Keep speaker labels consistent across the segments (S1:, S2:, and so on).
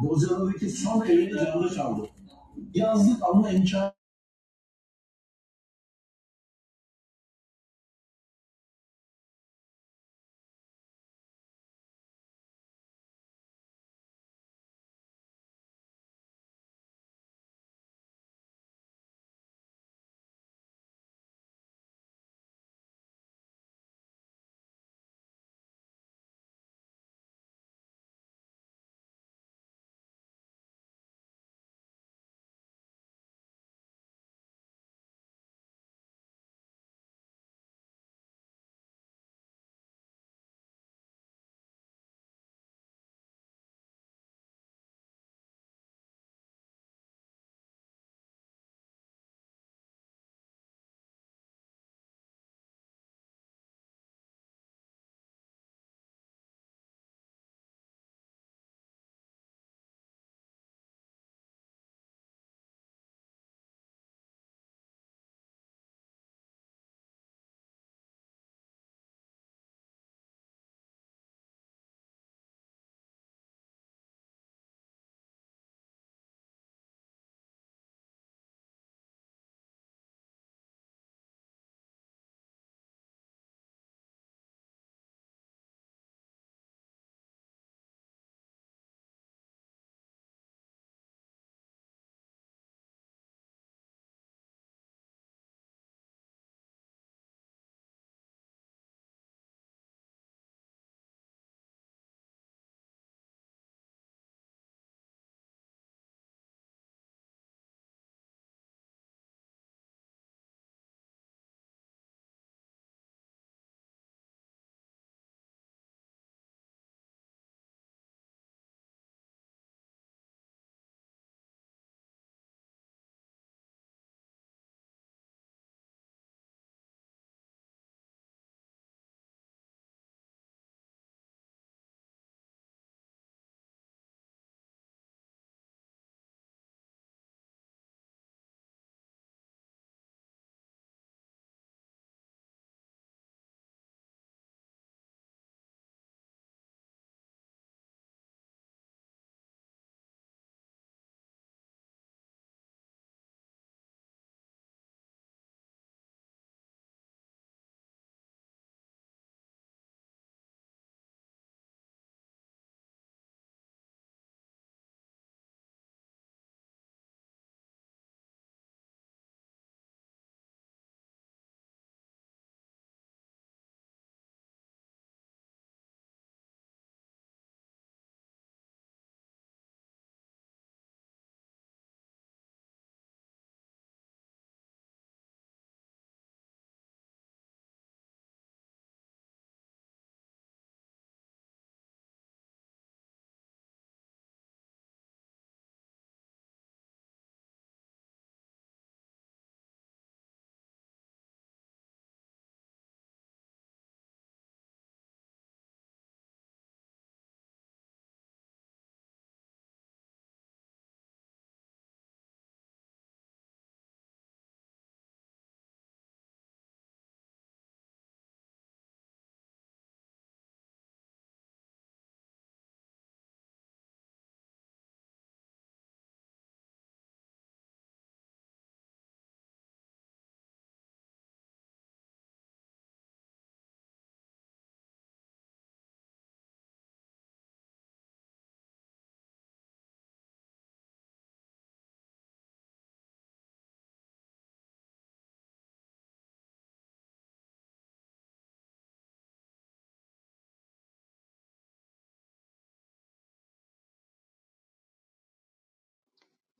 S1: Bozcaada'daki son evini canına çaldı. Yazlık ama imkan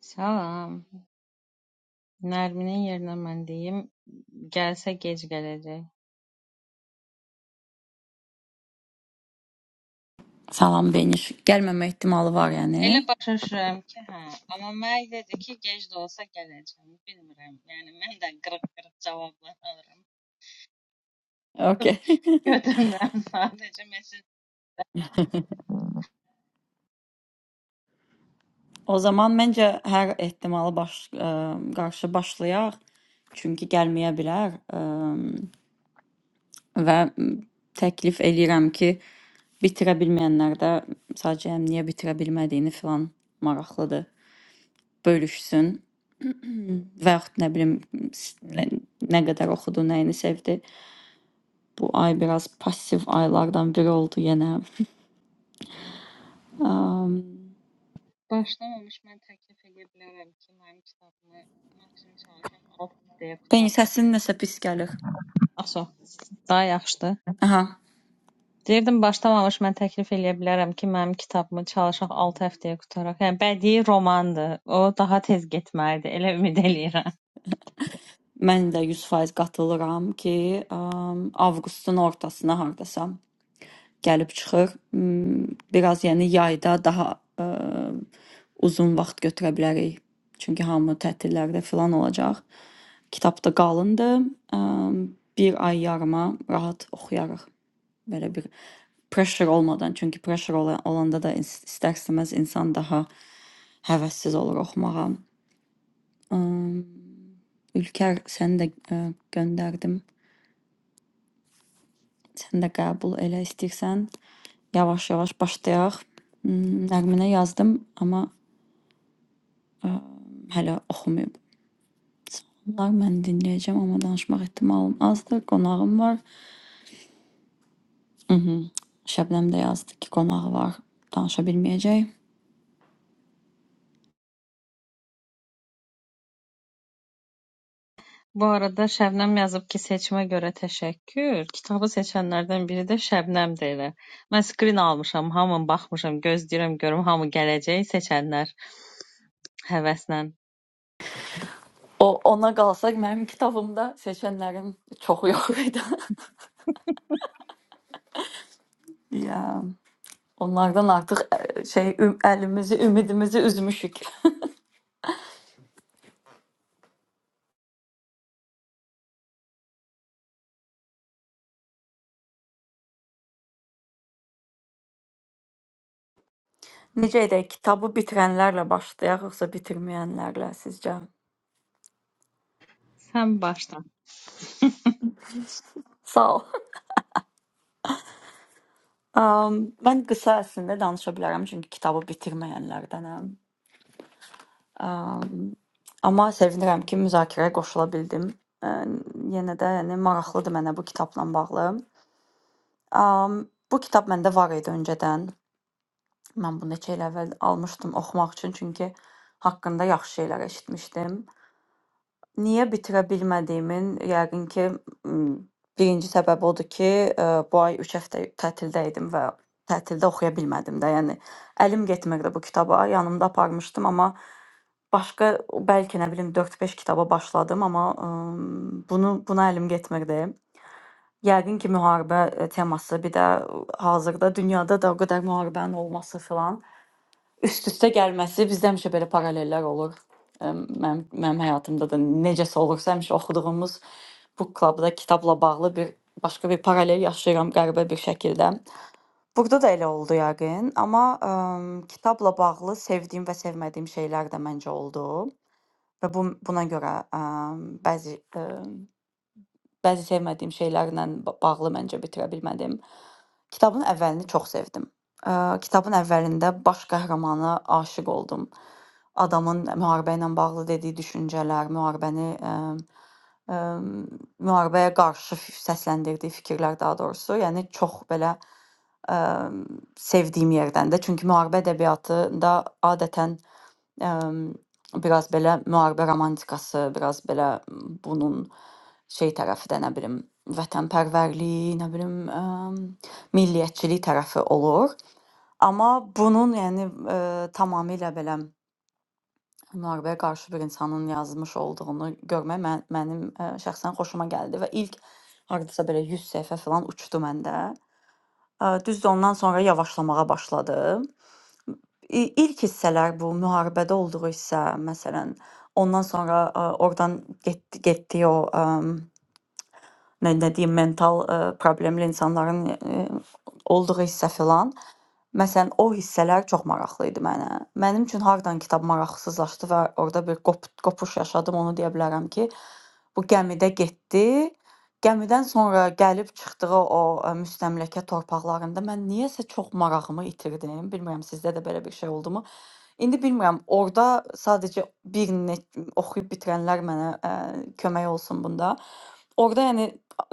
S2: Salam. Nərminin yerinə mən deyim, gəlsə gec gələcək.
S1: Salam beniş gəlməmə ehtimalı var
S2: Elə
S1: yəni.
S2: başa düşürəm ki, hə, amma mənə dedi ki, gec də olsa gələcəm. Bilmirəm. Yəni mən də qırıq-qırıq cavablar alıram.
S1: Okay.
S2: Götürmürəm sadəcə mesaj
S1: o zaman məncə hər ehtimalı baş ə, qarşı başlayaq. Çünki gəlməyə bilər ə, və təklif eləyirəm ki, bitirə bilməyənlər də sadəcə niyə bitirə bilmədiyini filan maraqlıdır bölüşsün və yaxud nə bilim s- nə nə qədər oxudu, nəyini sevdi. Bu ay biraz passiv aylardan biri oldu yenə. Am,
S2: başlamamış mən təklif edə bilərəm ki, mənim kitabımı maksimum çalışaq 6 deyə
S1: Beni
S2: qutaram.
S1: səsin nəsə pis gəlir.
S2: Aso, daha yaxşıdır.
S1: Aha,
S2: Deyirdim başlamamış mən təklif eləyə bilərəm ki, mənim kitabımı çalışaq 6 həftəyə qutaraq. Yəni bədii romandır. O daha tez getməlidir. Elə ümid eləyirəm.
S1: mən də 100% qatılıram ki, am, avqustun ortasına hardasa gəlib çıxır. M, Biraz yəni yayda daha ə, uzun vaxt götürə bilərik. Çünki hamı tətillərdə filan olacaq. Kitab da qalındır. Am, Bir ay yarıma rahat oxuyarıq. Belə bir pressure olmadan, çünki pressure ola- olanda da is- istər-istəməz insan daha həvəssiz olur oxumağa. Am, Ülker səni də ə, göndərdim. Sən də qəbul elə istəyirsən. Yavaş-yavaş başlayaq. M, Nəğminə yazdım, amma hələ oxumayıb. Salamlar, mən dinləyəcəm, amma danışmaq ehtimalım azdır. Qonağım var. Mhm. Şəbnəm də yazdı ki, qonağı var, danışa bilməyəcək.
S2: Bu arada Şəbnəm yazıb ki, seçimə görə təşəkkür. Kitabı seçənlərdən biri də Şəbnəmdir elə. Mən skrin almışam, hamın baxmışam, gözləyirəm görüm hamı gələcək seçənlər həvəslə.
S1: O ona qalsaq mənim kitabımda seçənlərin çoxu yox idi. Ya, onlardan artıq ə, şey üm- əlimizi, ümidimizi üzmüşük. Necə edək? Kitabı bitirənlərlə başlayaq, yoxsa bitirməyənlərlə sizcə?
S2: Sən başla.
S1: Sağ ol. Um, mən qısa əslində danışa bilərəm, çünki kitabı bitirməyənlərdənəm. Um, amma sevinirəm ki, müzakirəyə qoşula bildim. Um, yenə də yəni maraqlıdır mənə bu kitabla bağlı. Um, bu kitab məndə var idi öncədən. Mən bunu neçə il əvvəl almışdım oxumaq üçün, çünki haqqında yaxşı şeylər eşitmişdim. Niyə bitirə bilmədiyimin yəqin ki, m, birinci səbəbi odur ki, ə, bu ay üç həftə tətildə idim və tətildə oxuya bilmədim də. Yəni əlim getmirdi bu kitaba. Yanımda aparmışdım, amma başqa bəlkə nə bilim 4-5 kitaba başladım, amma ə, bunu buna əlim getmirdi. Yəqin ki, müharibə ə, teması, bir də ə, hazırda dünyada da o qədər müharibənin olması filan üst üstə gəlməsi bizdə həmişə belə paralellər olur. Əm, Mənim, mənim həyatımda da necəsə olursa həmişə oxuduğumuz bu klubda kitabla bağlı bir başqa bir paralel yaşayıram qəribə bir şəkildə. Burada da elə oldu yəqin, amma ə, kitabla bağlı sevdiyim və sevmədiyim şeylər də məncə oldu və bu buna görə ə, bəzi ə, Bəzi sevmədiyim şeylərlə ba- bağlı məncə bitirə bilmədim. Kitabın əvvəlini çox sevdim. Ə, kitabın əvvəlində baş qəhrəmana aşiq oldum. Adamın müharibə ilə bağlı dediyi düşüncələr, müharibəni ə, ə, müharibəyə qarşı f- səsləndirdiyi fikirlər daha doğrusu, yəni çox belə ə, sevdiyim yerdəndə. Çünki müharibə ədəbiyyatında adətən Əm, biraz belə müharibə romantikası, biraz belə bunun şey tərəfi də nə bilim vətənpərvərliyi, nə bilim əm, milliyyətçilik tərəfi olur. Amma bunun yəni ə, tamamilə belə müharibəyə qarşı bir insanın yazmış olduğunu görmək mən, mənim ə, şəxsən xoşuma gəldi və ilk hardasa belə 100 səhifə falan uçdu məndə. Ə, Düzdür, ondan sonra yavaşlamağa başladı. İ ilk hissələr bu müharibədə olduğu hissə, məsələn, ondan sonra ə, oradan getdi getdiyi o ə, nə, nə deyim mental ə, problemli insanların ə, olduğu hissə filan. Məsələn, o hissələr çox maraqlı idi mənə. Mənim üçün hardan kitab maraqsızlaşdı və orada bir qop qopuş yaşadım, onu deyə bilərəm ki, bu gəmidə getdi. Gəmidən sonra gəlib çıxdığı o ə, müstəmləkə torpaqlarında mən niyəsə çox marağımı itirdim. Bilmirəm sizdə də belə bir şey oldumu? İndi bilmirəm, orda sadəcə birini oxuyub bitirənlər mənə ə, kömək olsun bunda. Orda yəni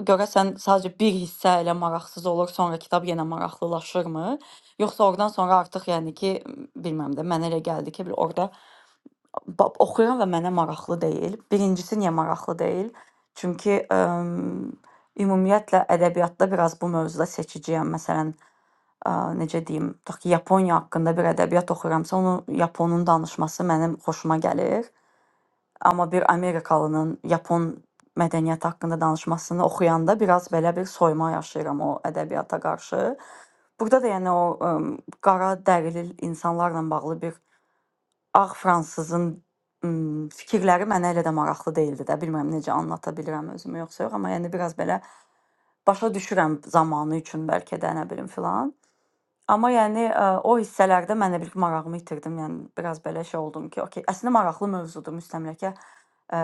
S1: görəsən sadəcə bir hissə elə maraqsız olur, sonra kitab yenə maraqlılaşırmı? Yoxsa oradan sonra artıq yəni ki, bilmirəm də mənə elə gəldi ki, bir orada ba- oxuyuram və mənə maraqlı deyil. Birincisi niyə maraqlı deyil? Çünki əm, ümumiyyətlə ədəbiyyatda biraz bu mövzuda seçiciyəm. Məsələn, ə, necə deyim, tutaq ki, Yaponiya haqqında bir ədəbiyyat oxuyuramsa, onun Yaponun danışması mənim xoşuma gəlir. Amma bir Amerikalının Yapon mədəniyyəti haqqında danışmasını oxuyanda biraz belə bir soyuma yaşayıram o ədəbiyyata qarşı. Burada da yəni o ə, qara dərili insanlarla bağlı bir ağ fransızın ə, fikirləri mənə elə də maraqlı deyildi də. Bilmirəm necə anlata bilirəm özümü yoxsa yox, amma yəni biraz belə başa düşürəm zamanı üçün bəlkə də nə bilim filan. Amma yəni ə, o hissələrdə mən də bir marağımı itirdim. Yəni biraz belə şey oldum ki, okey, əslində maraqlı mövzudur müstəmləkə ə,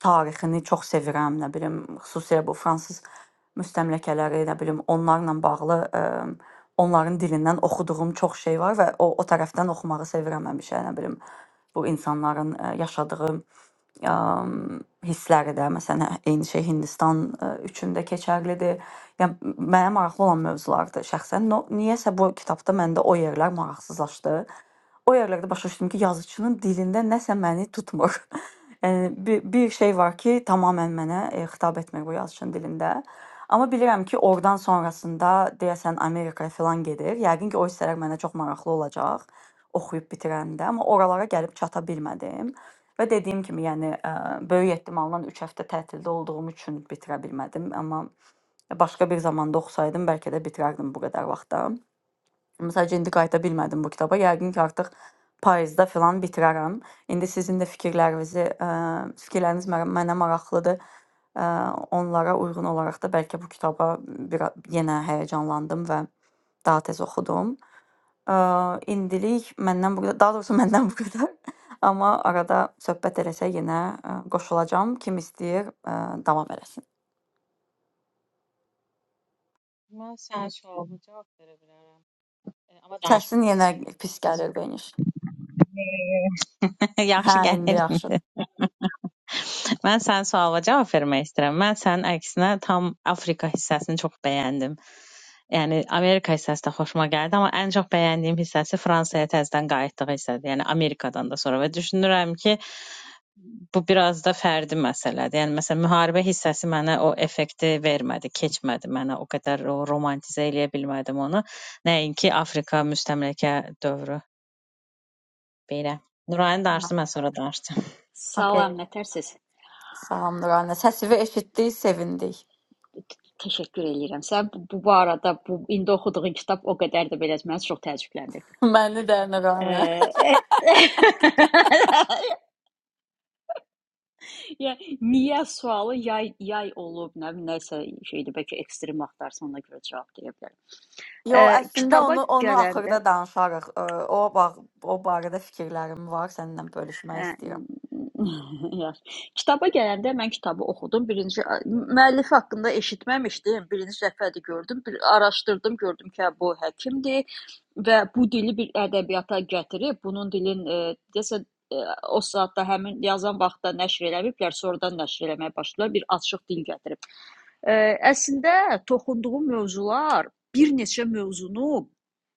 S1: tarixini çox sevirəm, nə bilim, xüsusilə bu fransız müstəmləkələri, nə bilim, onlarla bağlı ə, onların dilindən oxuduğum çox şey var və o o tərəfdən oxumağı sevirəm həmişə, nə bilim, bu insanların ə, yaşadığı am, hissləri də məsələn hə- eyni şey Hindistan ə, üçün də keçərlidir. Yəni mənə maraqlı olan mövzulardır şəxsən. No, niyəsə bu kitabda məndə o yerlər maraqsızlaşdı. O yerlərdə başa düşdüm ki, yazıçının dilində nəsə məni tutmur. Yəni bir, bir şey var ki, tamamilə mənə e, xitab etmir bu yazıçının dilində. Amma bilirəm ki, oradan sonrasında deyəsən Amerikaya filan gedir. Yəqin ki, o hissələr mənə çox maraqlı olacaq oxuyub bitirəndə, amma oralara gəlib çata bilmədim. Və dediyim kimi, yəni ə, böyük ehtimalla 3 həftə tətildə olduğum üçün bitirə bilmədim, amma başqa bir zamanda oxusaydım bəlkə də bitirərdim bu qədər vaxtda. Sadəcə indi qayıda bilmədim bu kitaba. Yəqin ki, artıq payızda filan bitirərəm. İndi sizin də fikirlərinizi, ə, fikirləriniz mə- mənə maraqlıdır. Ə, onlara uyğun olaraq da bəlkə bu kitaba bir yenə həyəcanlandım və daha tez oxudum. Ə, indilik məndən bu qədər, daha doğrusu məndən bu qədər. Amma arada söhbət eləsə yenə ə, qoşulacağam. Kim istəyir, ə, davam eləsin.
S2: Mən sənə çox olacağam. Amma danışma.
S1: Səsin yenə pis gəlir Beniş. Hə,
S2: Yaxşı
S1: indi
S2: gəlir.
S1: yaxşıdır.
S2: Mən sənin sualına cavab vermək istəyirəm. Mən sənin əksinə tam Afrika hissəsini çox bəyəndim. Yəni Amerika hissəsi də xoşuma gəldi, amma ən çox bəyəndiyim hissəsi Fransaya təzədən qayıtdığı hissədir. Yəni Amerikadan da sonra və düşünürəm ki, bu biraz da fərdi məsələdir. Yəni məsələn müharibə hissəsi mənə o effekti vermədi, keçmədi mənə. O qədər o romantizə eləyə bilmədim onu. Nəinki Afrika müstəmləkə dövrü belə. Nurayın
S1: Hə,
S2: darsı mən sonra danışacağım.
S1: okey.
S3: Salam, nətərsiz?
S1: Tamam Nurhan'la. Səsivi eşitdik, sevindik.
S3: Təşəkkür eləyirəm. Sən bu, bu barədə bu indi oxuduğun kitab o qədər də belə məni çox təəccübləndirdi.
S1: Məni də Nurhan'la.
S3: Eee, Ya niyə sualı yay yay olub, nə bilim, nəsə şeydir, bəlkə ekstrem axtarsan ona görə cavab deyə bilərəm.
S1: Yo,
S3: Eee,
S1: əslində
S3: kitaba
S1: onu onu
S3: gələndə
S1: axırda danışarıq. Ə, O bağ, o barədə fikirlərim var, səninlə bölüşmək
S3: Hə,
S1: istəyirəm.
S3: yaxşı. Kitaba gələndə mən kitabı oxudum. Birinci müəllifi haqqında eşitməmişdim. Birinci dəfədir gördüm. Bir araşdırdım, gördüm ki, hə, bu həkimdir və bu dili bir ədəbiyyata gətirib, bunun dilin e, desə e, o saatda həmin yazan vaxtda nəşr eləməyiblər, sonradan nəşr eləməyə başladılar. Bir açıq dil gətirib. Ə, əslində toxunduğum mövzular bir neçə mövzunu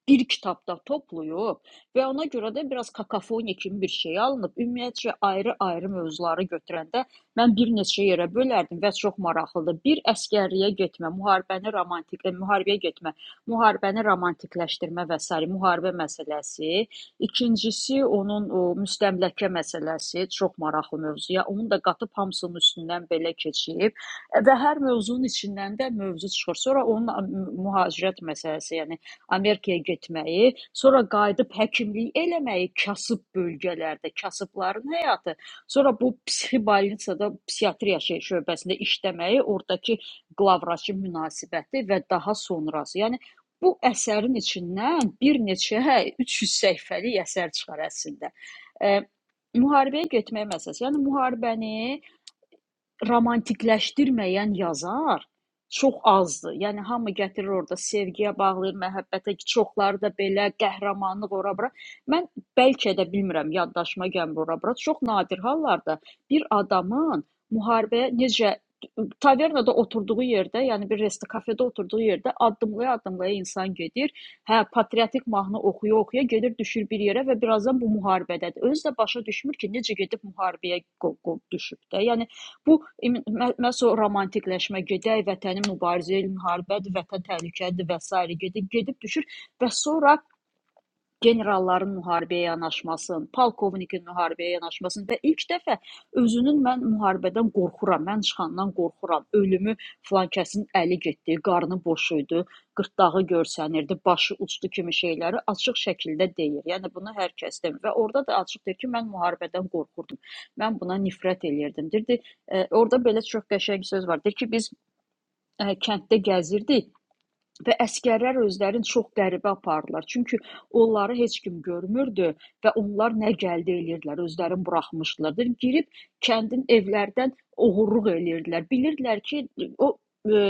S3: bir kitabda toplayıb və ona görə də biraz kakofoniya kimi bir şey alınıb. Ümumiyyətcə ayrı-ayrı mövzuları götürəndə mən bir neçə yerə bölərdim və çox maraqlıdır. Bir əsgərliyə getmə, müharibəni romantik, e, müharibəyə getmə, müharibəni romantikləşdirmə və sair müharibə məsələsi. İkincisi onun o, müstəmləkə məsələsi çox maraqlı mövzuya. Onu da qatıb hamısının üstündən belə keçib Və hər mövzunun içindən də mövzu çıxır. Sonra onun am- mühacirət məsələsi, yəni Amerikaya getməyi, sonra qayıdıb həkimlik eləməyi, kasıb bölgələrdə, kasıbların həyatı, sonra bu psixi больницada, psixiatriya şey şöbəsində işləməyi, oradakı qlavraçı münasibəti və daha sonrası. Yəni bu əsərin içindən bir neçə 300 səhifəlik əsər çıxar əslində. Ə, müharibəyə getmək məsələsi. Yəni müharibəni romantikləşdirməyən yazar çox azdır. Yəni hamı gətirir orada sevgiyə bağlayır, məhəbbətə, çoxları da belə qəhrəmanlıq ora-bura. Mən bəlkə də bilmirəm, yaddaşıma gəlmir ora-bura. Çox nadir hallarda bir adamın müharibəyə necə tavernada oturduğu yerdə, yəni bir resto kafedə oturduğu yerdə addımlaya-addımlaya insan gedir. Hə, patriotik mahnı oxuya-oxuya gedir, düşür bir yerə və birazdan bu müharibədədir. Özü də başa düşmür ki, necə gedib müharibəyə qo- qo- düşüb də. Yəni Bu məhz o romantikləşmə, gedək vətəni mübarizəyə, müharibədir, vətən təhlükəlidir və sairə gedib gedib düşür və sonra generalların müharibəyə yanaşmasın, polkovnikin müharibəyə yanaşmasın və ilk dəfə özünün mən müharibədən qorxuram, mən çıxandan qorxuram, ölümü filan kəsin əli getdi, qarnı boş idi, qırtdağı görsənirdi, başı uçdu kimi şeyləri açıq şəkildə deyir. Yəni bunu hər kəs demir və orada da açıq deyir ki, mən müharibədən qorxurdum. Mən buna nifrət eləyirdim. Dirdi, e, orada belə çox qəşəng söz var. Deyir ki, biz e, kənddə gəzirdik Və əsgərlər özlərini çox qəribə apardılar. Çünki onları heç kim görmürdü və onlar nə gəldi eləyirdilər, özlərini buraxmışdılar. Dedim, girib kəndin evlərdən oğurluq eləyirdilər. Bilirdilər ki, o e,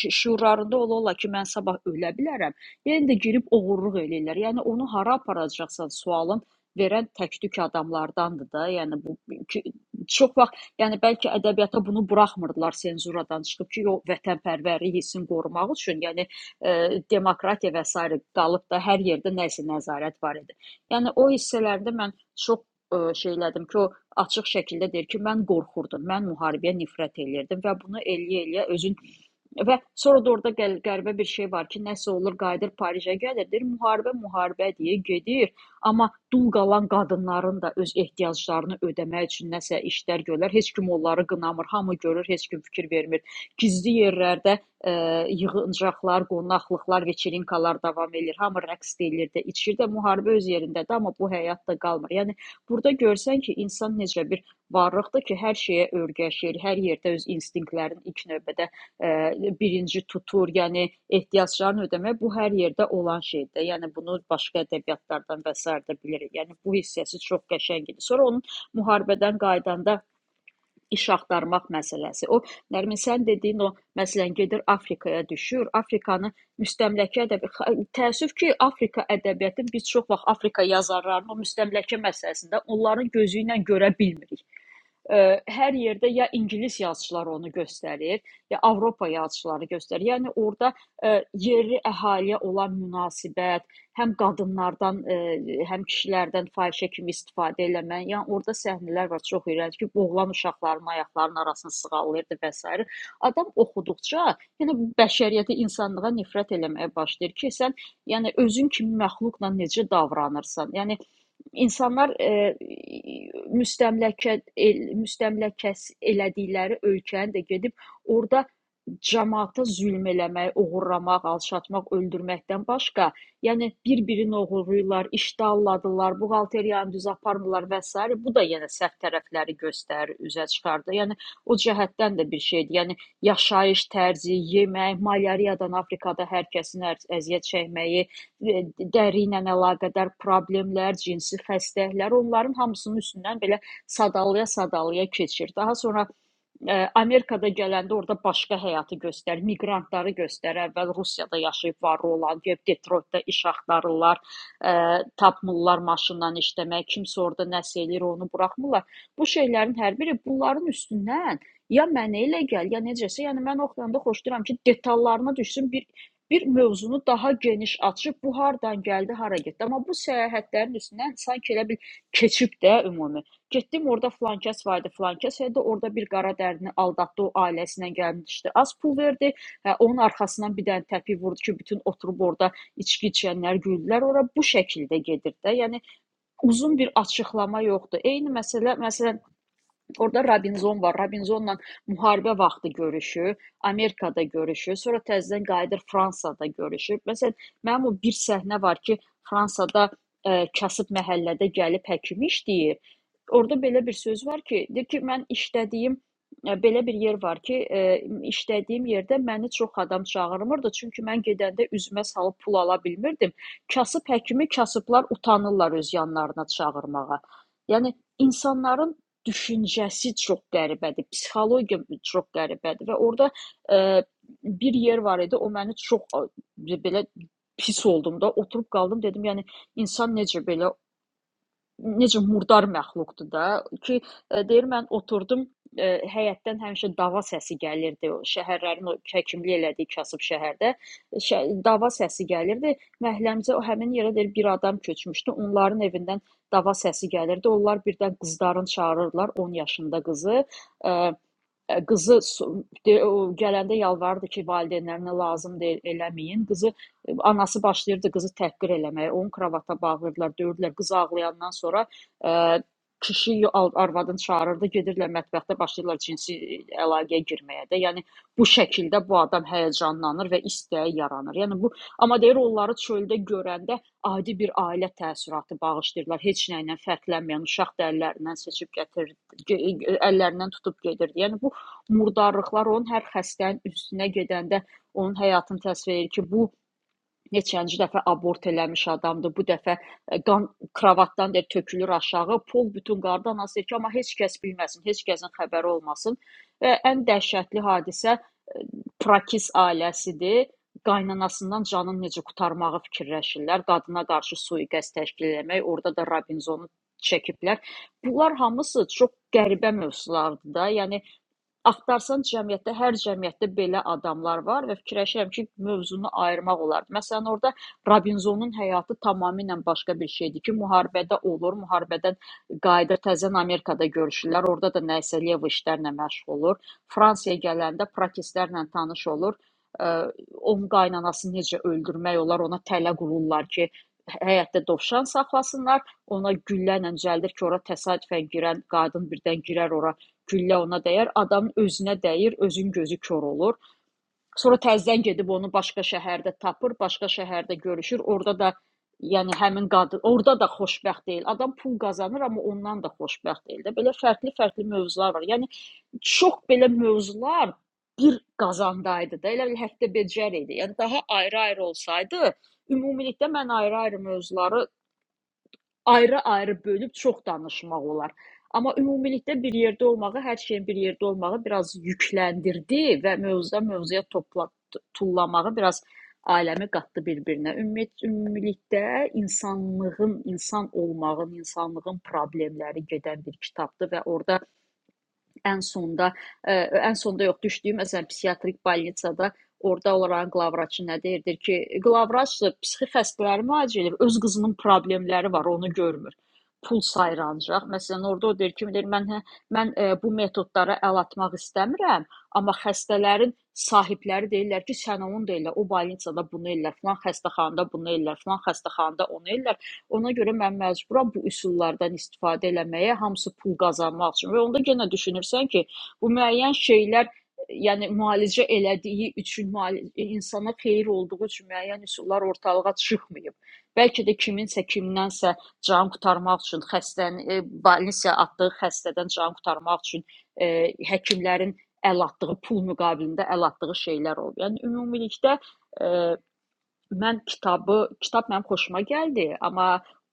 S3: şü- şüurlarında ola-ola ki, mən sabah ölə bilərəm. Yenə də girib oğurluq eləyirlər. Yəni onu hara aparacaqsan sualın verən təktük adamlardandır da. Yəni bu ki, çox vaxt, yəni bəlkə ədəbiyyata bunu buraxmırdılar senzuradan çıxıb ki, o vətənpərvərlik hissini qorumaq üçün. Yəni eee, demokratiya və sairə qalıb da hər yerdə nəsə nəzarət var idi. Yəni o hissələrdə mən çox eee, şey elədim ki, o açıq şəkildə deyir ki, mən qorxurdum, mən müharibəyə nifrət eləyirdim və bunu eləyə-eləyə özün və sonra da orada qəl- qəribə bir şey var ki, nəsə olur, qayıdır Parisə gəlir, deyir müharibə, müharibə deyə gedir, amma dul qalan qadınların da öz ehtiyaclarını ödəmək üçün nəsə işlər görürlər. Heç kim onları qınamır, hamı görür, heç kim fikir vermir. Gizli yerlərdə yığıncaqlar, qonaqlıqlar, veçerinkalar davam eləyir. Hamı rəqs də eləyir də, içir də, müharibə öz yerindədir, amma bu həyat da qalmır. Yəni burada görsən ki, insan necə bir varlıqdır ki, hər şeyə öyrəşir, hər yerdə öz instinktlərini ilk növbədə ə, birinci tutur. Yəni ehtiyaclarını ödəmək bu hər yerdə olan şeydir. Yəni bunu başqa ədəbiyyatlardan və sair də bilirik. Yəni bu hissəsi çox qəşəngdir. Sonra onun müharibədən qayıdanda iş axtarmaq məsələsi. O Nərmin sən dediyin o məsələn gedir Afrikaya düşür, Afrikanı müstəmləkə ədəbi təəssüf ki, Afrika ədəbiyyatı biz çox vaxt Afrika yazarlarının o müstəmləkə məsələsində onların gözü ilə görə bilmirik. Ə, hər yerdə ya ingilis yazıçıları onu göstərir, ya Avropa yazıçıları göstərir. Yəni orada ə, yerli əhaliyə olan münasibət, həm qadınlardan, ə, həm kişilərdən fahişə kimi istifadə eləmə, yəni orada səhnələr var çox iyrənc ki, boğulan uşaqların ayaqlarının arasını sığallayırdı və s. Adam oxuduqca, yəni bu bəşəriyyətə, insanlığa nifrət eləməyə başlayır ki, sən yəni özün kimi məxluqla necə davranırsan? Yəni İnsanlar eee, müstəmləkə el, müstəmləkəs elədikləri ölkəni də gedib orada camaata zülm eləmək, oğurlamaq, alçatmaq, öldürməkdən başqa, yəni bir-birini oğurlayırlar, iştahladılar, buğalteriyanı düz aparmırlar və s. Bu da yenə səhv tərəfləri göstərir, üzə çıxardır. Yəni o cəhətdən də bir şeydir. Yəni yaşayış tərzi, yemək, malyariyadan Afrikada hər kəsin əz- əziyyət çəkməyi, e, dəri ilə əlaqədar problemlər, cinsi xəstəliklər, onların hamısının üstündən belə sadalaya-sadalaya keçir. Daha sonra Ə, Amerikada gələndə orada başqa həyatı göstər, miqrantları göstər. Əvvəl Rusiyada yaşayıb varlı olan, gedib Detroitdə iş axtarırlar, ə, tapmırlar maşından işləmək, kimsə orada nəsə eləyir, onu buraxmırlar. Bu şeylərin hər biri bunların üstündən ya mənə elə gəl, ya necəsə, yəni mən oxuyanda xoşlayıram ki, detallarına düşsün bir bir mövzunu daha geniş açıb bu hardan gəldi, hara getdi. Amma bu səyahətlərin üstündən sanki elə bil keçib də ümumi. Getdim orda filankəs var idi, filankəs idi, orda bir qaradərini aldatdı, o ailəsinə gəlmişdi, az pul verdi. Hə, onun arxasından bir dənə təpi vurdu ki, bütün oturub orada içki içənlər güldülər. Ora bu şəkildə gedir də. Yəni uzun bir açıqlama yoxdur. Eyni məsələ, məsələn, Orda Robinzon var. Robinzonla müharibə vaxtı görüşür, Amerikada görüşür, sonra təzədən qayıdır Fransada görüşür. Məsələn, mənim o bir səhnə var ki, Fransada ə, kasıb məhəllədə gəlib həkim işləyir. Orda belə bir söz var ki, deyir ki, mən işlədiyim ə, belə bir yer var ki, ə, işlədiyim yerdə məni çox adam çağırmırdı, çünki mən gedəndə üzümə salıb pul ala bilmirdim. Kasıb həkimi kasıblar utanırlar öz yanlarına çağırmağa. Yəni insanların düşüncəsi çox qəribədir, psixologiya çox qəribədir və orada e, bir yer var idi, o məni çox e, belə pis oldum da, oturub qaldım, dedim, yəni insan necə belə necə murdar məxluqdur da ki, e, deyir mən oturdum e, həyətdən həmişə dava səsi gəlirdi. O şəhərlərin o həkimlik elədiyi kasıb şəhərdə e, şə, dava səsi gəlirdi. Məhəlləmizə o həmin yerə deyir bir adam köçmüşdü. Onların evindən dava səsi gəlirdi. Onlar birdən qızların çağırırdılar 10 yaşında qızı. Ə, Ə, Qızı su- de- o gələndə yalvarırdı ki, valideynlərinə lazım deyil eləməyin. Qızı ə, anası başlayırdı qızı təhqir eləməyə. Onu kravata bağlayırdılar, döyürdülər. Qız ağlayandan sonra ə, kişi yo- al- arvadını çağırırdı, gedirlər mətbəxdə başlayırlar cinsi əlaqəyə girməyə də. Yəni bu şəkildə bu adam həyəcanlanır və istəyi yaranır. Yəni bu amma deyir onları çöldə görəndə adi bir ailə təəssüratı bağışlayırlar. Heç nə ilə fərqlənməyən uşaq da əllərindən seçib gətirir, ge- ge- əllərindən tutub gedirdi. Yəni bu murdarlıqlar onun hər xəstənin üstünə gedəndə onun həyatını təsvir edir ki, bu neçənci dəfə abort eləmiş adamdır. Bu dəfə e, qan kravatdan da tökülür aşağı. Pol bütün qardan asır ki, amma heç kəs bilməsin, heç kəsin xəbəri olmasın. Və ən dəhşətli hadisə Prakis ailəsidir. Qaynanasından canını necə qurtarmağı fikirləşirlər. Qadına qarşı sui-qəsd təşkil etmək, orada da Robinzonu çəkiblər. Bunlar hamısı çox qəribə mövzulardır da. Yəni Axtarsan cəmiyyətdə, hər cəmiyyətdə belə adamlar var və fikirləşirəm ki, mövzunu ayırmaq olardı. Məsələn, orada Robinzonun həyatı tamamilə başqa bir şeydir ki, müharibədə olur, müharibədən qayıdır, təzən Amerikada görüşürlər, orada da nəyisə lev işlərlə məşğul olur. Fransiyaya gələndə protestlərlə tanış olur. Ə, Onun qaynanasını necə öldürmək olar, ona tələ qururlar ki, həyətdə dovşan saxlasınlar, ona güllə ilə cəldir ki, ora təsadüfən girən qadın birdən girər ora güllə ona dəyər, adamın özünə dəyir, özün gözü kor olur. Sonra təzədən gedib onu başqa şəhərdə tapır, başqa şəhərdə görüşür. Orada da yəni həmin qadın orada da xoşbəxt deyil. Adam pul qazanır, amma ondan da xoşbəxt deyil də. Belə fərqli-fərqli mövzular var. Yəni çox belə mövzular bir qazandaydı da. Elə bil həftə becər idi. Yəni daha ayrı-ayrı olsaydı, ümumilikdə mən ayrı-ayrı mövzuları Ayrı-ayrı bölüb çox danışmaq olar. Amma ümumilikdə bir yerdə olmağı, hər şeyin bir yerdə olmağı biraz yükləndirdi və mövzudan mövzuya topla tullamağı biraz aləmi qatdı bir-birinə. Ümumiyyət ümumilikdə insanlığın, insan olmağın, insanlığın problemləri gedən bir kitabdır və orada Ən sonda, ə, ən sonda yox, düşdüyüm məsələn psixiatrik bolnitsada orada onların qlavvraçı nə deyir? Deyir ki, qlavvraç da psixi xəstələri müalicə edir, öz qızının problemləri var, onu görmür. Pul sayır ancaq. Məsələn, orada o deyir ki, deyir mən hə- mən ə, bu metodlara əl atmaq istəmirəm, amma xəstələrin sahibləri deyirlər ki, sən onu da elə, o bolnitsada bunu elə, filan xəstəxanada bunu elə, filan xəstəxanada onu elə. Ona görə mən məcburam bu üsullardan istifadə eləməyə, hamısı pul qazanmaq üçün. Və onda yenə düşünürsən ki, bu müəyyən şeylər yəni müalicə elədiyi üçün, müali- insana xeyir olduğu üçün müəyyən üsullar ortalığa çıxmayıb. Bəlkə də kiminsə kimdənsə can qurtarmaq üçün, xəstənin balnisiya atdığı xəstədən can qurtarmaq üçün e, həkimlərin əl atdığı pul müqabilində əl atdığı şeylər olub. Yəni ümumilikdə e, Mən kitabı kitab mənim xoşuma gəldi, amma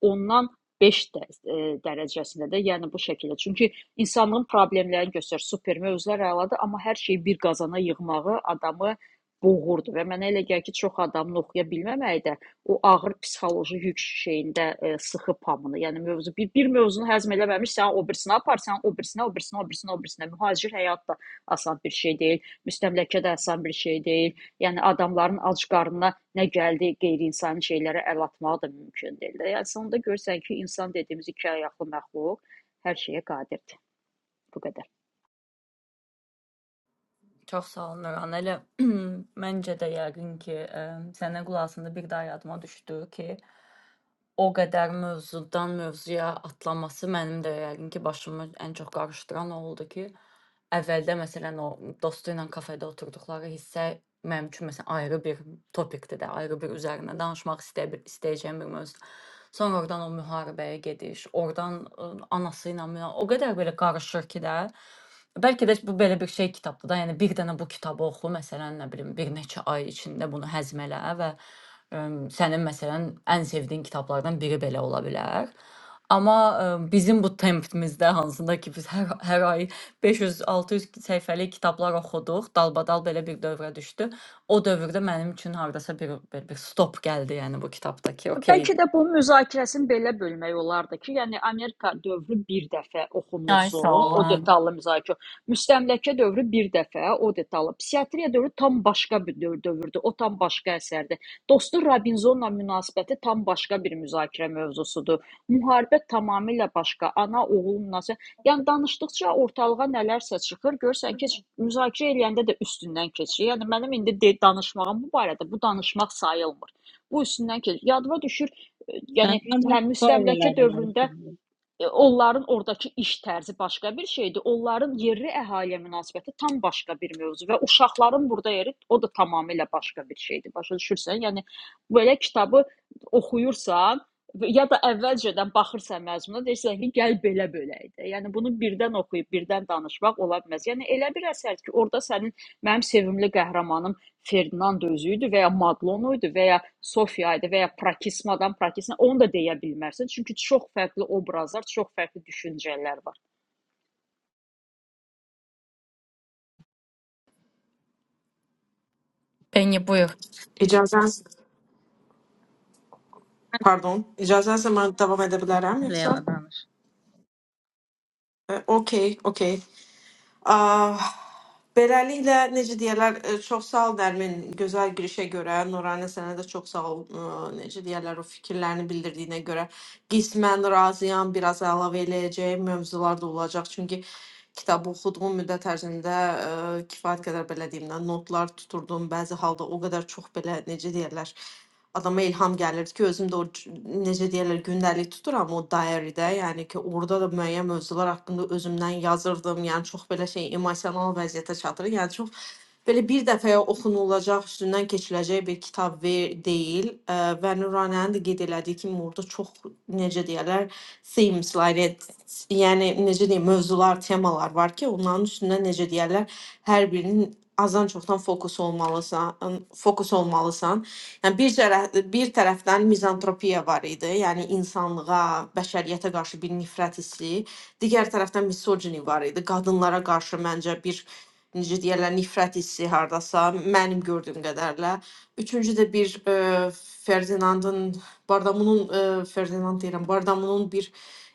S3: ondan 5 də e, dərəcəsində də, yəni bu şəkildə. Çünki insanlığın problemlərini göstərir, super mövzular əladır, amma hər şeyi bir qazana yığmağı adamı boğurdu və mənə elə gəlir ki, çox adamın oxuya bilməməyi də o ağır psixoloji yük şeyində e, sıxıb hamını. Yəni mövzu bir, bir mövzunu həzm eləməmiş, sən o birisinə apar, sən o birisinə, o birisinə, o birisinə, o birisinə. Mühacir həyat da asan bir şey deyil, müstəmləkə də asan bir şey deyil. Yəni adamların ac qarnına nə gəldi, qeyri-insani şeylərə əl atmaq da mümkün deyil də. Yəni sonda görürsən ki, insan dediyimiz iki ayaqlı məxluq hər şeyə qadirdir. Bu qədər.
S1: Çox sağ olun Nuran. Elə məncə də yəqin ki, ə, sənin qulağında bir daha yadıma düşdü ki, O qədər mövzudan mövzuya atlaması mənim də yəqin ki, başımı ən çox qarışdıran o oldu ki, əvvəldə məsələn o dostu ilə kafedə oturduqları hissə mənim üçün məsələn ayrı bir topikdir də, ayrı bir üzərinə danışmaq istəyə bil istəyəcəyim bir mövzudur. Sonra oradan o müharibəyə gediş, oradan ıı, anası ilə müha- o qədər belə qarışır ki də. Bəlkə də bu belə bir şey kitabdır da. Yəni bir dənə bu kitabı oxu, məsələn, nə bilim, bir neçə ay içində bunu həzm elə və əm, sənin məsələn ən sevdiyin kitablardan biri belə ola bilər. Amma əm, bizim bu tempimizdə hansında ki biz hər, hər ay 500-600 səhifəlik kitablar oxuduq, dalbadal belə bir dövrə düşdü. O dövrdə mənim üçün hardasa bir, bir, bir stop gəldi, yəni bu kitabdakı. Okay,
S3: Bəlkə də bu müzakirəsini belə bölmək olardı ki, yəni Amerika dövrü bir dəfə
S1: Ay sağ
S3: oxunulsun, o
S1: olun.
S3: detallı müzakirə. Müstəmləkə dövrü bir dəfə, o detallı. Psixiatriya dövrü tam başqa bir dö- dövrdür, o tam başqa əsərdir. Dostu Robinsonla münasibəti tam başqa bir müzakirə mövzusudur. Müharibə tamamilə başqa, ana-oğul münasibəti. Yəni danışdıqca ortalığa nələrsə çıxır, görsən ki, müzakirə eləyəndə də üstündən keçir. Yəni mənim indi de danışmağım bu barədə, bu danışmaq sayılmır. Bu üstündən keç. Yadıma düşür, e, yəni
S2: Mən
S3: hə
S2: ancaq bu
S3: müstəmləkə
S2: ailələrdən
S3: dövründə
S2: danışacağam. Ben ancak
S3: e, onların ordakı iş tərzi başqa bir şeydi. Onların yerli əhaliyə münasibəti tam başqa bir mövzu və uşaqların burada yeri o da tamamilə başqa bir şeydi. Başa düşürsən? Yəni belə kitabı oxuyursan və- ya da əvvəlcədən baxırsan məzmuna deyirsən ki, gəl belə belə idi. Yəni bunu birdən oxuyub birdən danışmaq ola bilməz. Yəni elə bir əsərdir ki, orada sənin mənim sevimli qəhrəmanım Ferdinand özüydü və ya Maglon idi və ya Sofiya idi və ya Prakismadan Prakisma onu da deyə bilmərsən. Çünki çox fərqli obrazlar, çox fərqli düşüncələr var.
S1: Beni buyur.
S4: İcazə, pardon, icazənizlə mən davam edə bilərəm yoxsa?
S2: spoilerlerden alıştım.
S4: E, Okey, okey. Ah, Beləliklə necə deyirlər, e, çox sağ ol Nərmin, gözəl girişə görə. Nuranə sənə də çox sağ ol. e, Necə deyirlər, o fikirlərini bildirdiyinə görə qismən razıyam, biraz əlavə eləyəcəyim mövzular da olacaq. Çünki kitabı oxuduğum müddət ərzində e, kifayət qədər belə deyim də notlar tuturdum. Bəzi halda o qədər çox belə necə deyirlər, adama ilham gəlirdi ki, özüm də o c- necə deyirlər gündəlik tuturam o diary-də, yəni ki, orada da müəyyən mövzular haqqında özümdən yazırdım. Yəni çox belə şey emosional vəziyyətə çatır. Yəni çox belə bir dəfəyə oxunulacaq, üstündən keçiləcək bir kitab ver, deyil ə, və Nuranənin də qeyd elədiyi kimi orada çox necə deyirlər themes, like, it, yəni necə deyim, mövzular, temalar var ki, onların üstündə necə deyirlər hər birinin azdan çoxdan fokus olmalısan, fokus olmalısan Yəni bir tərəf, bir tərəfdən mizantropiya var idi, yəni insanlığa, bəşəriyyətə qarşı bir nifrət hissi, digər tərəfdən misogini var idi. Qadınlara qarşı məncə bir necə deyirlər, nifrət hissi hardasa mənim gördüyüm qədərlə. Üçüncü də bir e, Ferdinandın Bardamunun e, Ferdinand deyirəm, Bardamunun bir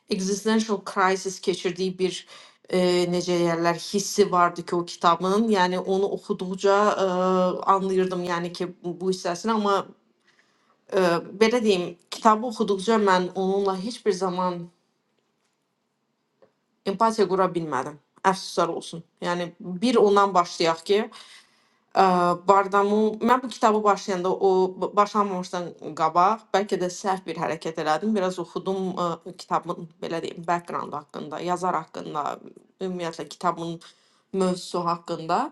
S4: existential crisis keçirdiyi bir eee, necə deyərlər, hissi vardı ki o kitabın. Yəni onu oxuduqca eee, anlayırdım yəni ki bu bu hissəsini amma eee, belə deyim, kitabı oxuduqca mən onunla heç bir zaman empatiya qura bilmədim. Əfsuslar olsun. Yəni bir ondan başlayaq ki, ə, Bardamu mən bu kitabı başlayanda o b- başlamamışdan qabaq bəlkə də səhv bir hərəkət elədim. Biraz oxudum ə, kitabın belə deyim, background haqqında, yazar haqqında, ümumiyyətlə kitabın mövzusu haqqında.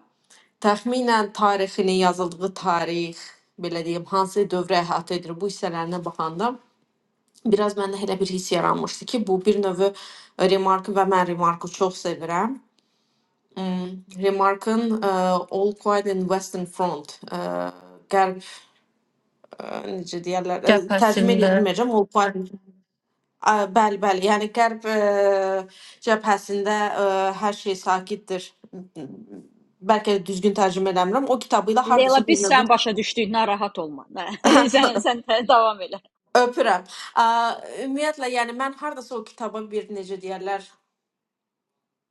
S4: Təxminən tarixinin yazıldığı tarix, belə deyim, hansı dövrə əhatə edir bu hissələrinə baxanda biraz məndə elə bir hiss yaranmışdı ki, bu bir növ Remarkın və mən Remarkı çox sevirəm. Mm, Remarkın ə, All Quiet in Western Front ə, qərb ə, necə deyirlər, ə, tərcümə edə
S1: Cəbhəsində.
S4: bilməyəcəm. All Quiet ə, bəli, bəli. Yəni qərb ə, cəbhəsində ə, hər şey sakitdir. M- m- Bəlkə də düzgün tərcümə eləmirəm. O kitabı ilə hardasa
S3: Leyla
S4: bir
S3: biz
S4: növ
S3: sən başa düşdük, narahat olma. sən sən tə- davam elə.
S4: Öpürəm. Ə, Ümumiyyətlə, yəni mən hardasa o kitaba bir necə deyərlər,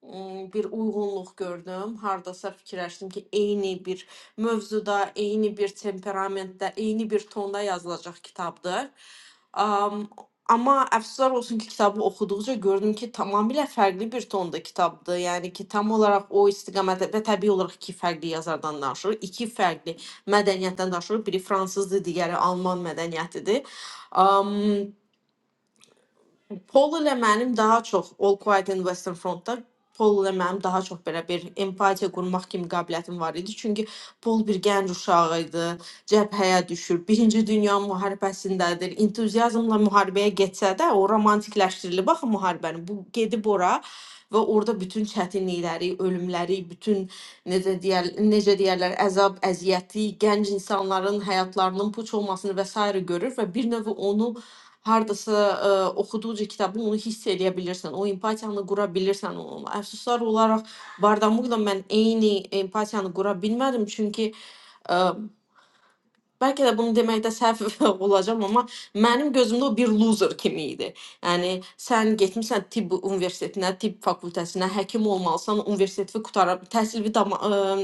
S4: ıı, bir uyğunluq gördüm. Hardasa fikirləşdim ki, eyni bir mövzuda, eyni bir temperamentdə, eyni bir tonda yazılacaq kitabdır. Um, amma əfsuslar olsun ki, kitabı oxuduqca gördüm ki, tamamilə fərqli bir tonda kitabdır. Yəni ki, tam olaraq o istiqamətdə və təbii olaraq iki fərqli yazardan danışırıq, iki fərqli mədəniyyətdən danışırıq. Biri fransızdır, digəri alman mədəniyyətidir. Um, Pol ilə mənim daha çox All Quiet in Western Front-da Pol ilə mənim daha çox belə bir empatiya qurmaq kimi qabiliyyətim var idi. Çünki Pol bir gənc uşağı idi. Cəbhəyə düşür. Birinci Dünya müharibəsindədir. Entuziazmla müharibəyə getsə də o romantikləşdirilib axı müharibəni. Bu gedib ora və orada bütün çətinlikləri, ölümləri, bütün necə deyər, necə deyərlər, əzab, əziyyəti, gənc insanların həyatlarının puç olmasını və s. görür və bir növ onu hardasa ə, oxuduqca kitabı onu hiss edə bilirsən, o empatiyanı qura bilirsən onunla. Əfsuslar olaraq Bardamukla mən eyni empatiyanı qura bilmədim, çünki ə, Bəlkə də bunu deməkdə səhv olacam, amma mənim gözümdə o bir loser kimi idi. Yəni sən getmisən tibb universitetinə, tibb fakültəsinə, həkim olmalısan, universiteti qutara, təhsilini tam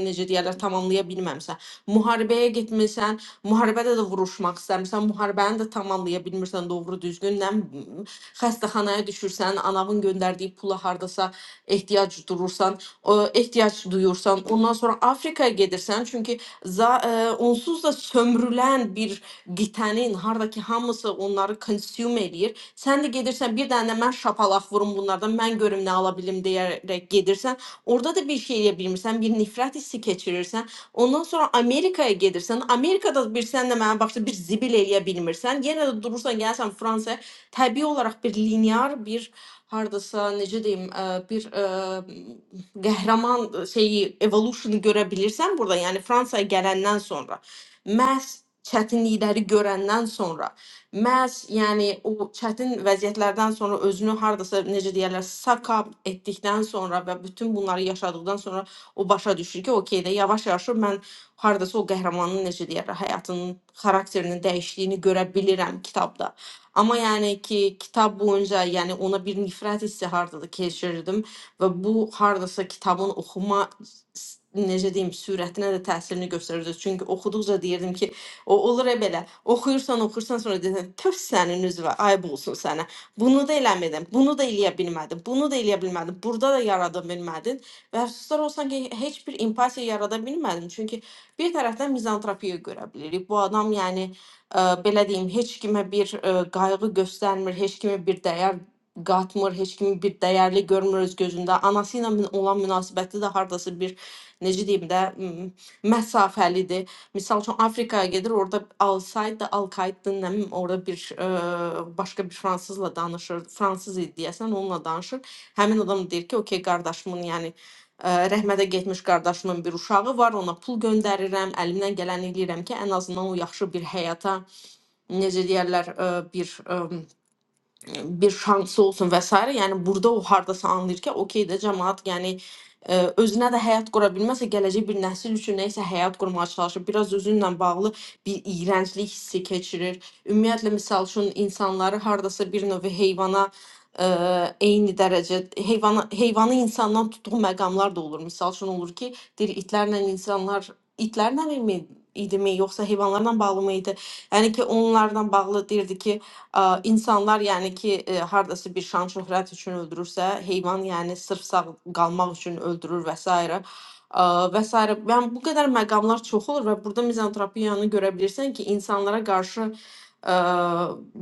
S4: necə deyirlər, tamamlaya bilməmisən. Müharibəyə getmisən, müharibədə də vuruşmaq istəmirsən, müharibəni də tamamlaya bilmirsən doğru düzgün, nə bilim, xəstəxanaya düşürsən, anavın göndərdiyi pula hardasa ehtiyac durursan, o ehtiyac duyursan. Ondan sonra Afrikaya gedirsən, çünki za, e, onsuz da sömürülen bir gitənin hardakı hamısı onları consume eləyir. Sən də gedirsən bir dənə də mən şapalaq vurum bunlardan, mən görüm nə ala bilim deyərək gedirsən. Orada da bir şey eləyə bilmirsən, bir nifrət hissi keçirirsən. Ondan sonra Amerikaya gedirsən. Amerikada bir sən də mənə baxdı bir zibil eləyə bilmirsən. Yenə də durursan, gəlsən Fransaya. Təbii olaraq bir linear bir hardasa necə deyim, ə, bir ə, qəhrəman e, şeyi evolution'u görə bilirsən burada, yəni Fransaya gələndən sonra məhz çətinlikləri görəndən sonra məhz yəni o çətin vəziyyətlərdən sonra özünü hardasa necə deyirlər suck up etdikdən sonra və bütün bunları yaşadıktan sonra o başa düşür ki, okey də yavaş-yavaş mən hardasa o qəhrəmanın necə deyirlər həyatının xarakterinin dəyişdiyini görə bilirəm kitabda. Amma yəni ki, kitab boyunca yəni ona bir nifrət hissi hardadır keçirdim və bu hardasa kitabın oxuma s- necə deyim, sürətinə də təsirini göstərirdi. Çünki oxuduqca deyirdim ki, o olur e belə. Oxuyursan, oxuyursan sonra deyirsən, "Töv sənin üzvə, ayb olsun sənə. Bunu da eləmədim, bunu da eləyə bilmədim, bunu da eləyə bilmədim, burada da yarada bilmədin." Və əfsuslar olsun ki, heç bir empatiya yarada bilmədim. Çünki bir tərəfdən mizantropiya görə bilirik. Bu adam yəni ə, belə deyim, heç kimə bir ə, qayğı göstərmir, heç kimə bir dəyər qatmır, heç kimi bir dəyərli görmür öz gözündə. Anası ilə mün- olan münasibəti də hardasa bir necə deyim də m, məsafəlidir. Məsəl üçün Afrikaya gedir, orada Alsaid da Alkaiddən nə bilim orada bir ə, başqa bir fransızla danışır. Fransız idi deyəsən, onunla danışır. Həmin adam deyir ki, "Okay qardaşımın, yəni ə, rəhmətə getmiş qardaşımın bir uşağı var, ona pul göndərirəm, əlimdən gələni eləyirəm ki, ən azından o yaxşı bir həyata, necə deyərlər, ə, bir ə, bir şansı olsun vesairə. Yəni burada o hardasa anlayır ki, okey də cəmaət, yəni ə, özünə də həyat qura bilməsə, gələcək bir nəsil üçün nə isə həyat qurmağa çalışır. Biraz özünlə bağlı bir iyrənclik hissi keçirir. Ümumiyyətlə misal üçün insanları hardasa bir növ heyvana ə, eyni dərəcə heyvana heyvanı insandan tutduğu məqamlar da olur. Misal üçün olur ki, deyir itlərlə insanlar itlərlə mi idimi yoxsa heyvanlarla bağlı mı idi? Yəni ki, onlardan bağlı deyirdi ki, Ə, insanlar yəni ki, ə, hardasa bir şan şöhrət üçün öldürürsə, heyvan yəni sırf sağ qalmaq üçün öldürür və s. ə və s. Yəni bu qədər məqamlar çox olur və burada mizantropiyanı görə bilirsən ki, insanlara qarşı ə,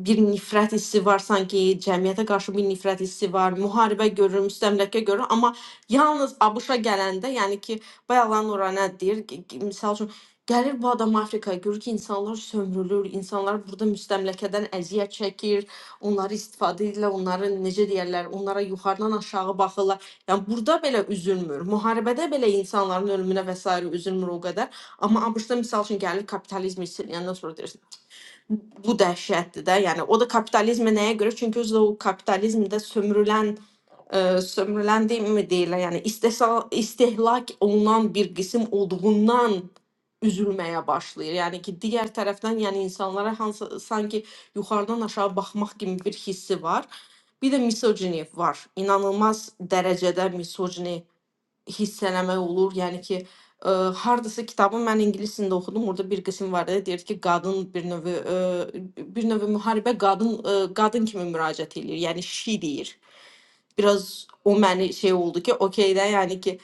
S4: bir nifrət hissi var sanki, cəmiyyətə qarşı bir nifrət hissi var, müharibə görür, müstəmləkə görür, amma yalnız ABŞ-a gələndə, yəni ki, bayaqlar Nuranə deyir, ki- ki, misal üçün Gəlir bu adam Afrikaya, görür ki, insanlar sömürülür, insanlar burada müstəmləkədən əziyyət çəkir, onları istifadə edirlər, onları necə deyərlər, onlara yuxarıdan aşağı baxırlar. Yəni burada belə üzülmür. Müharibədə belə insanların ölümünə və s. üzülmür o qədər. Amma ABŞ-da məsəl üçün gəlir kapitalizm istəyəndən sonra deyirsən, bu dəhşətdir də. Yəni o da kapitalizmə nəyə görə? Çünki özü də o kapitalizmdə sömürülən e, sömürülen mi değil yani istehsal, istehlak olunan bir kısım olduğundan üzülməyə başlayır. Yəni ki, digər tərəfdən, yəni insanlara hansı sanki yuxarıdan aşağı baxmaq kimi bir hissi var. Bir də misogini var. İnanılmaz dərəcədə misogini hissələmək olur. Yəni ki, ə, hardasa kitabı mən ingilis dilində oxudum. Orada bir qism var da, deyir ki, qadın bir növ ə, bir növ müharibə qadın ə, qadın kimi müraciət eləyir. Yəni she deyir. Biraz o məni şey oldu ki, okey də, yəni ki,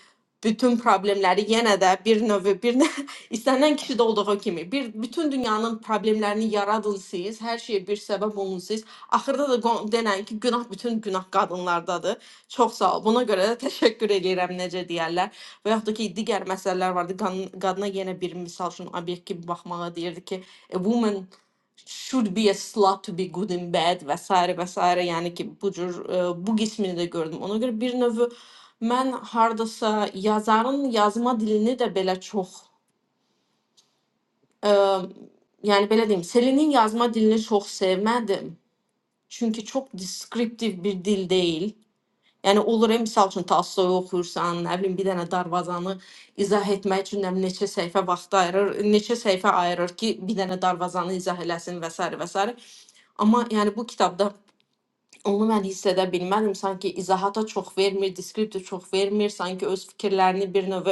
S4: bütün problemləri yenə də bir növ bir nə, istənilən kişidə olduğu kimi bir bütün dünyanın problemlərini yaradın siz, hər şeyə bir səbəb olun siz. Axırda da qo- denən ki, günah bütün günah qadınlardadır. Çox sağ ol. Buna görə də təşəkkür eləyirəm, necə deyərlər. Və yaxud da ki, digər məsələlər vardı. Qan- Qadına yenə bir misal üçün obyekt kimi baxmağa deyirdi ki, a woman should be a slut to be good in bed və sairə və sairə. Yəni ki, bu cür e, bu qismini də gördüm. Ona görə bir növ mən hardasa yazarın yazma dilini də belə çox e, yəni belə deyim, Selinin yazma dilini çox sevmədim. Çünki çox deskriptiv bir dil deyil. Yəni olur, e, misal üçün Tolstoy oxuyursan, nə bilim bir dənə darvazanı izah etmək üçün nə bilim neçə səhifə vaxt ayırır, neçə səhifə ayırır ki, bir dənə darvazanı izah eləsin və s. və s. Amma yəni bu kitabda Onu mən hiss edə bilmədim. Sanki izahata çox vermir, deskriptə çox vermir. Sanki öz fikirlərini bir növ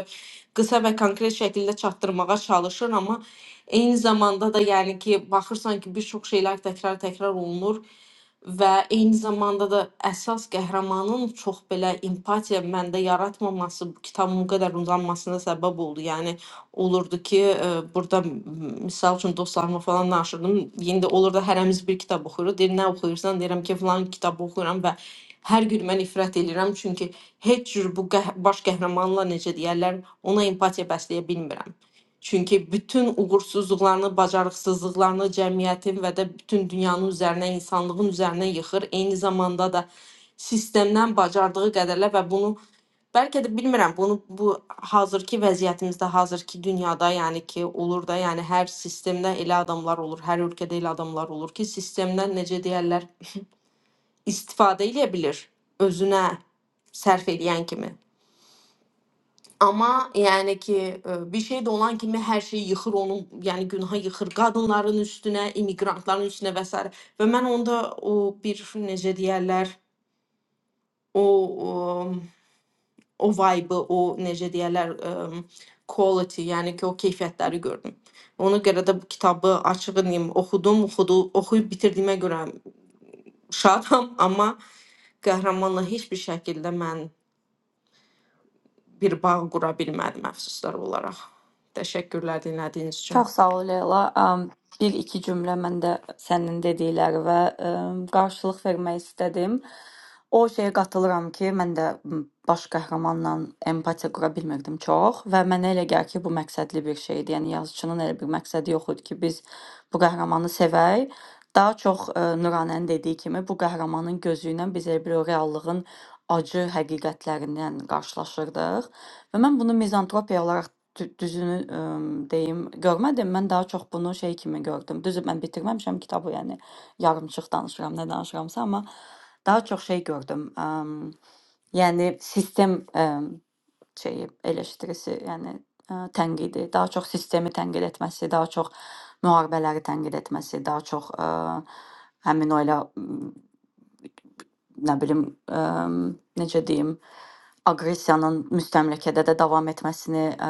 S4: qısa və konkret şəkildə çatdırmağa çalışır, amma eyni zamanda da yəni ki, baxırsan ki, bir çox şeylər təkrar-təkrar olunur və eyni zamanda da əsas qəhrəmanın çox belə empatiya məndə yaratmaması bu kitabın bu qədər uzanmasına səbəb oldu. Yəni olurdu ki, e, burada m- misal üçün dostlarıma falan danışırdım. Yenə də olurdu hərəmiz bir kitab oxuyuruq. Deyir, nə oxuyursan? Deyirəm ki, filan kitabı oxuyuram və hər gün mən ifrət edirəm çünki heç cür bu qəh baş qəhrəmanla necə deyərlər, ona empatiya bəsləyə bilmirəm. Çünki bütün uğursuzluqlarını, bacarıqsızlıqlarını cəmiyyətin və də bütün dünyanın üzərinə, insanlığın üzərinə yıxır. Eyni zamanda da sistemdən bacardığı qədərlə və bunu Bəlkə də bilmirəm, bunu bu hazırki vəziyyətimizdə, hazırki dünyada, yəni ki, olur da, yəni hər sistemdə elə adamlar olur, hər ölkədə elə adamlar olur ki, sistemdən necə deyərlər, istifadə edə bilir özünə sərf edən kimi. Amma yəni ki, ə, bir şey də olan kimi hər şeyi yıxır onun, yəni günaha yıxır qadınların üstünə, immiqrantların üstünə və s. və mən onda o bir necə deyərlər, o, o o vibe'ı, o necə deyərlər, əm, quality, yəni ki, o keyfiyyətləri gördüm. Ona görə də bu kitabı açıq edeyim, oxudum, oxudu, oxuyub bitirdiyimə görə şadam, amma qəhrəmanla heç bir şəkildə mən bir bağ qura bilmədim əfsuslar olaraq. Təşəkkürlər dinlədiyiniz üçün.
S1: Çox sağ ol Leyla. Am, Bir iki cümlə mən də sənin dedikləri və em, qarşılıq vermək istədim. O şeyə qatılıram ki, mən də m, baş qəhrəmanla empatiya qura bilmirdim çox və mənə elə gəlir ki, bu məqsədli bir şeydir. Yəni yazıçının elə bir məqsədi yox idi ki, biz bu qəhrəmanı sevək. Daha çox e, Nuranənin dediyi kimi bu qəhrəmanın gözü ilə biz elə bir o reallığın acı həqiqətlərindən qarşılaşırdıq və mən bunu mizantropiya olaraq Dü düzünü əm, deyim, görmədim. Mən daha çox bunu şey kimi gördüm. Düzü mən bitirməmişəm kitabı, yəni yarımçıq danışıram, nə danışıramsa, amma daha çox şey gördüm. Əm, yəni sistem əm, şeyi eleştirisi, yəni ə, tənqidi, daha çox sistemi tənqid etməsi, daha çox müharibələri tənqid etməsi, daha çox ə, həmin o elə nə bilim, ə, necə deyim, aqressiyanın müstəmləkədə də davam etməsini ə,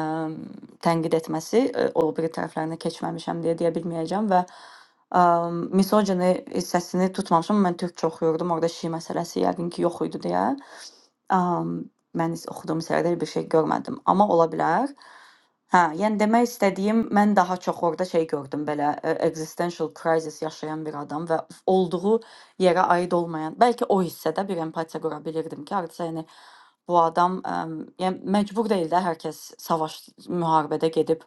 S1: tənqid etməsi ə, o biri tərəflərinə keçməmişəm deyə deyə bilməyəcəm və ə, misogini hissəsini tutmamışam. Mən türkçə oxuyurdum. Orada şi məsələsi yəqin ki yox idi deyə. Ə, mən is- oxuduğum sərdə bir şey görmədim. Amma ola bilər. Hə, yəni demək istədiyim, mən daha çox orada şey gördüm, belə e, existential crisis yaşayan bir adam və olduğu yere ait olmayan. Belki o hissədə bir empatiya qura bilirdim ki, artıq yəni bu adam ə, yəni məcbur deyil də hər kəs savaş müharibədə gedib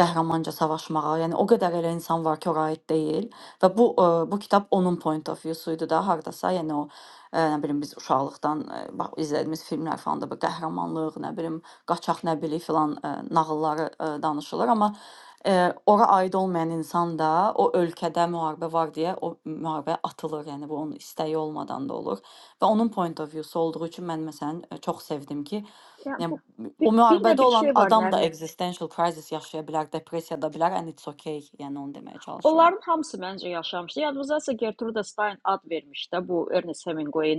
S1: qəhrəmanca savaşmağa. Yəni o qədər elə insan var ki, ora aid deyil və bu ə, bu kitab onun point of view-su idi da hardasa. Yəni o ə, nə bilim biz uşaqlıqdan ə, bax izlədiyimiz filmlər falan da bu qəhrəmanlıq, nə bilim qaçaq nə bilik filan ə, nağılları ə, danışılır, amma Eee, ora aid olmayan insan da o ölkədə müharibə var deyə o müharibəyə atılır. Yəni bu onun istəyi olmadan da olur və onun point of view-su olduğu üçün mən məsələn e, çox sevdim ki,
S3: Yəni
S1: yəni
S3: bu
S1: m- o
S3: bir, bir də
S1: müharibədə
S3: bir
S1: olan
S3: şey var
S1: adam da
S3: Nərmin.
S1: existential crisis yaşaya bilər, depressiyada bilər and it's okay. Yəni onu deməyə çalışıram.
S3: Onların hamısı məncə yaşamışdı. Yadımızdasa Gertruda Stein ad vermiş də bu Ernest Hemingway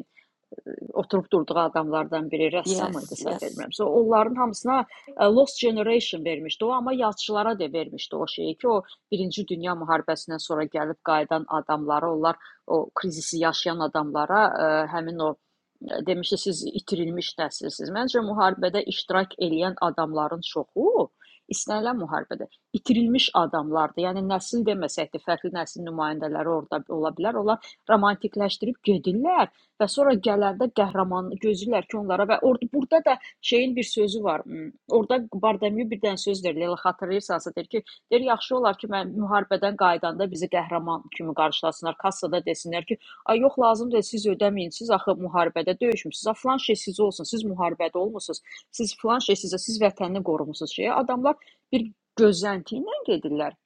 S3: oturub durduğu adamlardan biri rəssam idi
S1: Yes,
S3: səhv
S1: yes.
S3: etmirəmsə. Onların hamısına ə, Lost Generation vermişdi o, amma yazıçılara da vermişdi o şeyi ki, o 1-ci Dünya müharibəsindən sonra gəlib qayıdan adamlara, onlar o krizisi yaşayan adamlara ə, həmin o ə, demişdi siz itirilmiş nəsilsiniz. Məncə müharibədə iştirak edən adamların çoxu istənilən müharibədə itirilmiş adamlardır. Yəni nəsil deməsək də fərqli nəsil nümayəndələri orada ola bilər. Onlar romantikləşdirib gedirlər və sonra gələndə qəhrəman gözləyirlər ki, onlara və orada burada da şeyin bir sözü var. Hmm, Orada Bardemyu bir dənə söz deyir, Leyla xatırlayırsansa deyir ki, deyir yaxşı olar ki, mən müharibədən qayıdanda bizi qəhrəman kimi qarşılasınlar, kassada desinlər ki, ay yox lazım deyil, siz ödəməyin, siz axı müharibədə döyüşmüsüz, ha filan şey sizə olsun, siz müharibədə olmusunuz, siz filan şey sizə, siz vətənini qorumusunuz şeyə. Adamlar bir gözlənti ilə gedirlər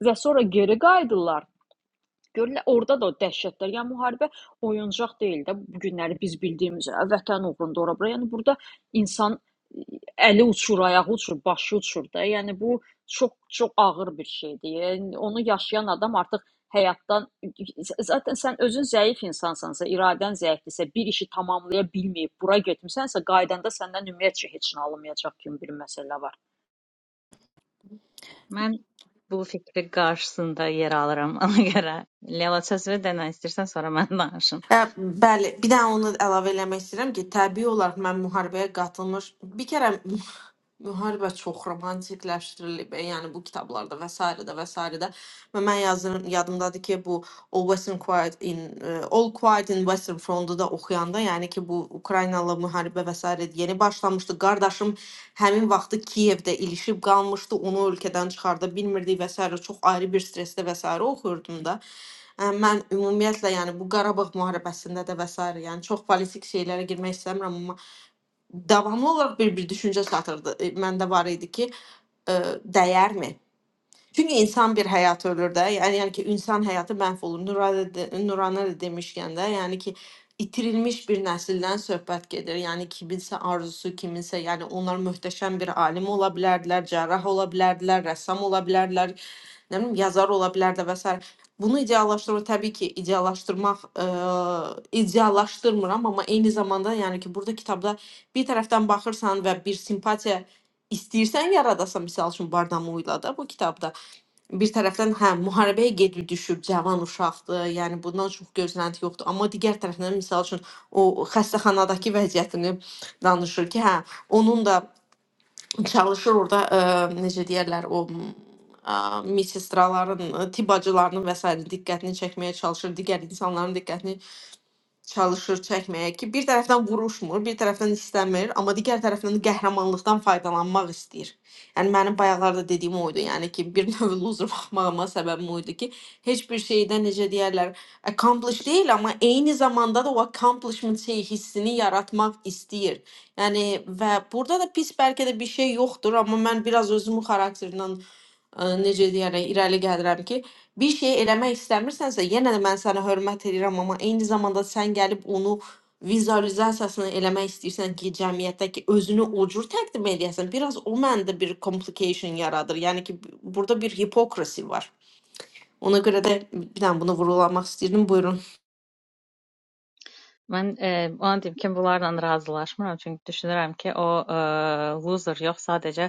S3: və sonra geri qayıdırlar Görürlər, orada da o dəhşətlər. Yəni müharibə oyuncaq deyil də bu günləri biz bildiyimiz üzrə vətən uğrunda ora bura. Yəni burada insan e, əli uçur, ayağı uçur, başı uçur da. Yəni bu çox çox ağır bir şeydir. Yəni onu yaşayan adam artıq həyatdan zaten sən özün zəif insansansa, iradən zəifdirsə, bir işi tamamlaya bilməyib bura getmisənsə, qaydanda səndən ümumiyyətcə heç nə alınmayacaq kimi bir məsələ var.
S2: Mən bu fikri qarşısında yer alıram, ona görə Leyla söz ver də nə istəyirsən, sonra mən danışım.
S4: Ə, Bəli, bir dənə onu əlavə eləmək istəyirəm ki, təbii olaraq mən müharibəyə qatılmış bir kərə müharibə çox romantikləşdirilib, yəni bu kitablarda və s. də və s. də və mən yazırım, yadımdadır ki, bu O Western Quiet in e, All Quiet in Western Front'u da oxuyanda, yəni ki, bu Ukraynalı müharibə və s. yeni başlamışdı. Qardaşım həmin vaxtı Kiyevdə ilişib qalmışdı, onu ölkədən çıxarda bilmirdik və s. çox ayrı bir stressdə və s. oxuyurdum da. Ə, Mən ümumiyyətlə, yəni bu Qarabağ müharibəsində də və s. yəni çox politik şeylərə girmək istəmirəm, amma davamlı olaraq bir bir düşüncə satırdı. E, Məndə var idi ki, ə, dəyərmi? Çünki insan bir həyat ölür də. Yəni yəni ki, insan həyatı məhv olur. Nurana da, Nurana da demişkən də, yəni ki, itirilmiş bir nəsildən söhbət gedir. Yəni kiminsə arzusu, kiminsə, yəni onlar möhtəşəm bir alim ola bilərdilər, cərrah ola bilərdilər, rəssam ola bilərdilər, nə bilim, yazar ola bilərdilər və s. Bunu ideallaşdırmaq təbii ki, ideallaşdırmaq ə, ideallaşdırmıram, amma eyni zamanda yəni ki, burada kitabda bir tərəfdən baxırsan və bir simpatiya istəyirsən yaradasan, məsəl üçün Bardamu ilə də bu kitabda bir tərəfdən hə müharibəyə gedir düşüb cavan uşaqdır. Yəni bundan çox gözlənti yoxdur. Amma digər tərəfdən məsəl üçün o xəstəxanadakı vəziyyətini danışır ki, hə onun da çalışır orada ə, necə deyirlər o m, ə, missistraların, tibbacılarının və s. diqqətini çəkməyə çalışır, digər insanların diqqətini çalışır çəkməyə ki, bir tərəfdən vuruşmur, bir tərəfdən istəmir, amma digər tərəfdən qəhrəmanlıqdan faydalanmaq istəyir. Yəni mənim bayaqlarda dediyim o idi, yəni ki, bir növ loser baxmağıma səbəbim o idi ki, heç bir şeydə necə deyərlər, accomplish deyil, amma eyni zamanda da o accomplishment şey hissini yaratmaq istəyir. Yəni və burada da pis bəlkə də bir şey yoxdur, amma mən biraz özümün xarakterindən ə, necə deyərək irəli gəlirəm ki, bir şey eləmək istəmirsənsə, yenə də mən sənə hörmət edirəm, amma eyni zamanda sən gəlib onu vizualizasiyasını eləmək istəyirsən ki, cəmiyyətdəki özünü o cür təqdim edəsən, biraz o məndə bir complication yaradır. Yəni ki, burada bir hipokrasi var. Ona görə də bir dənə bunu vurğulamaq istəyirdim. Buyurun.
S2: Mən, eee, ona deyim ki, bunlarla razılaşmıram, çünki düşünürəm ki, o, eee, loser yox, sadəcə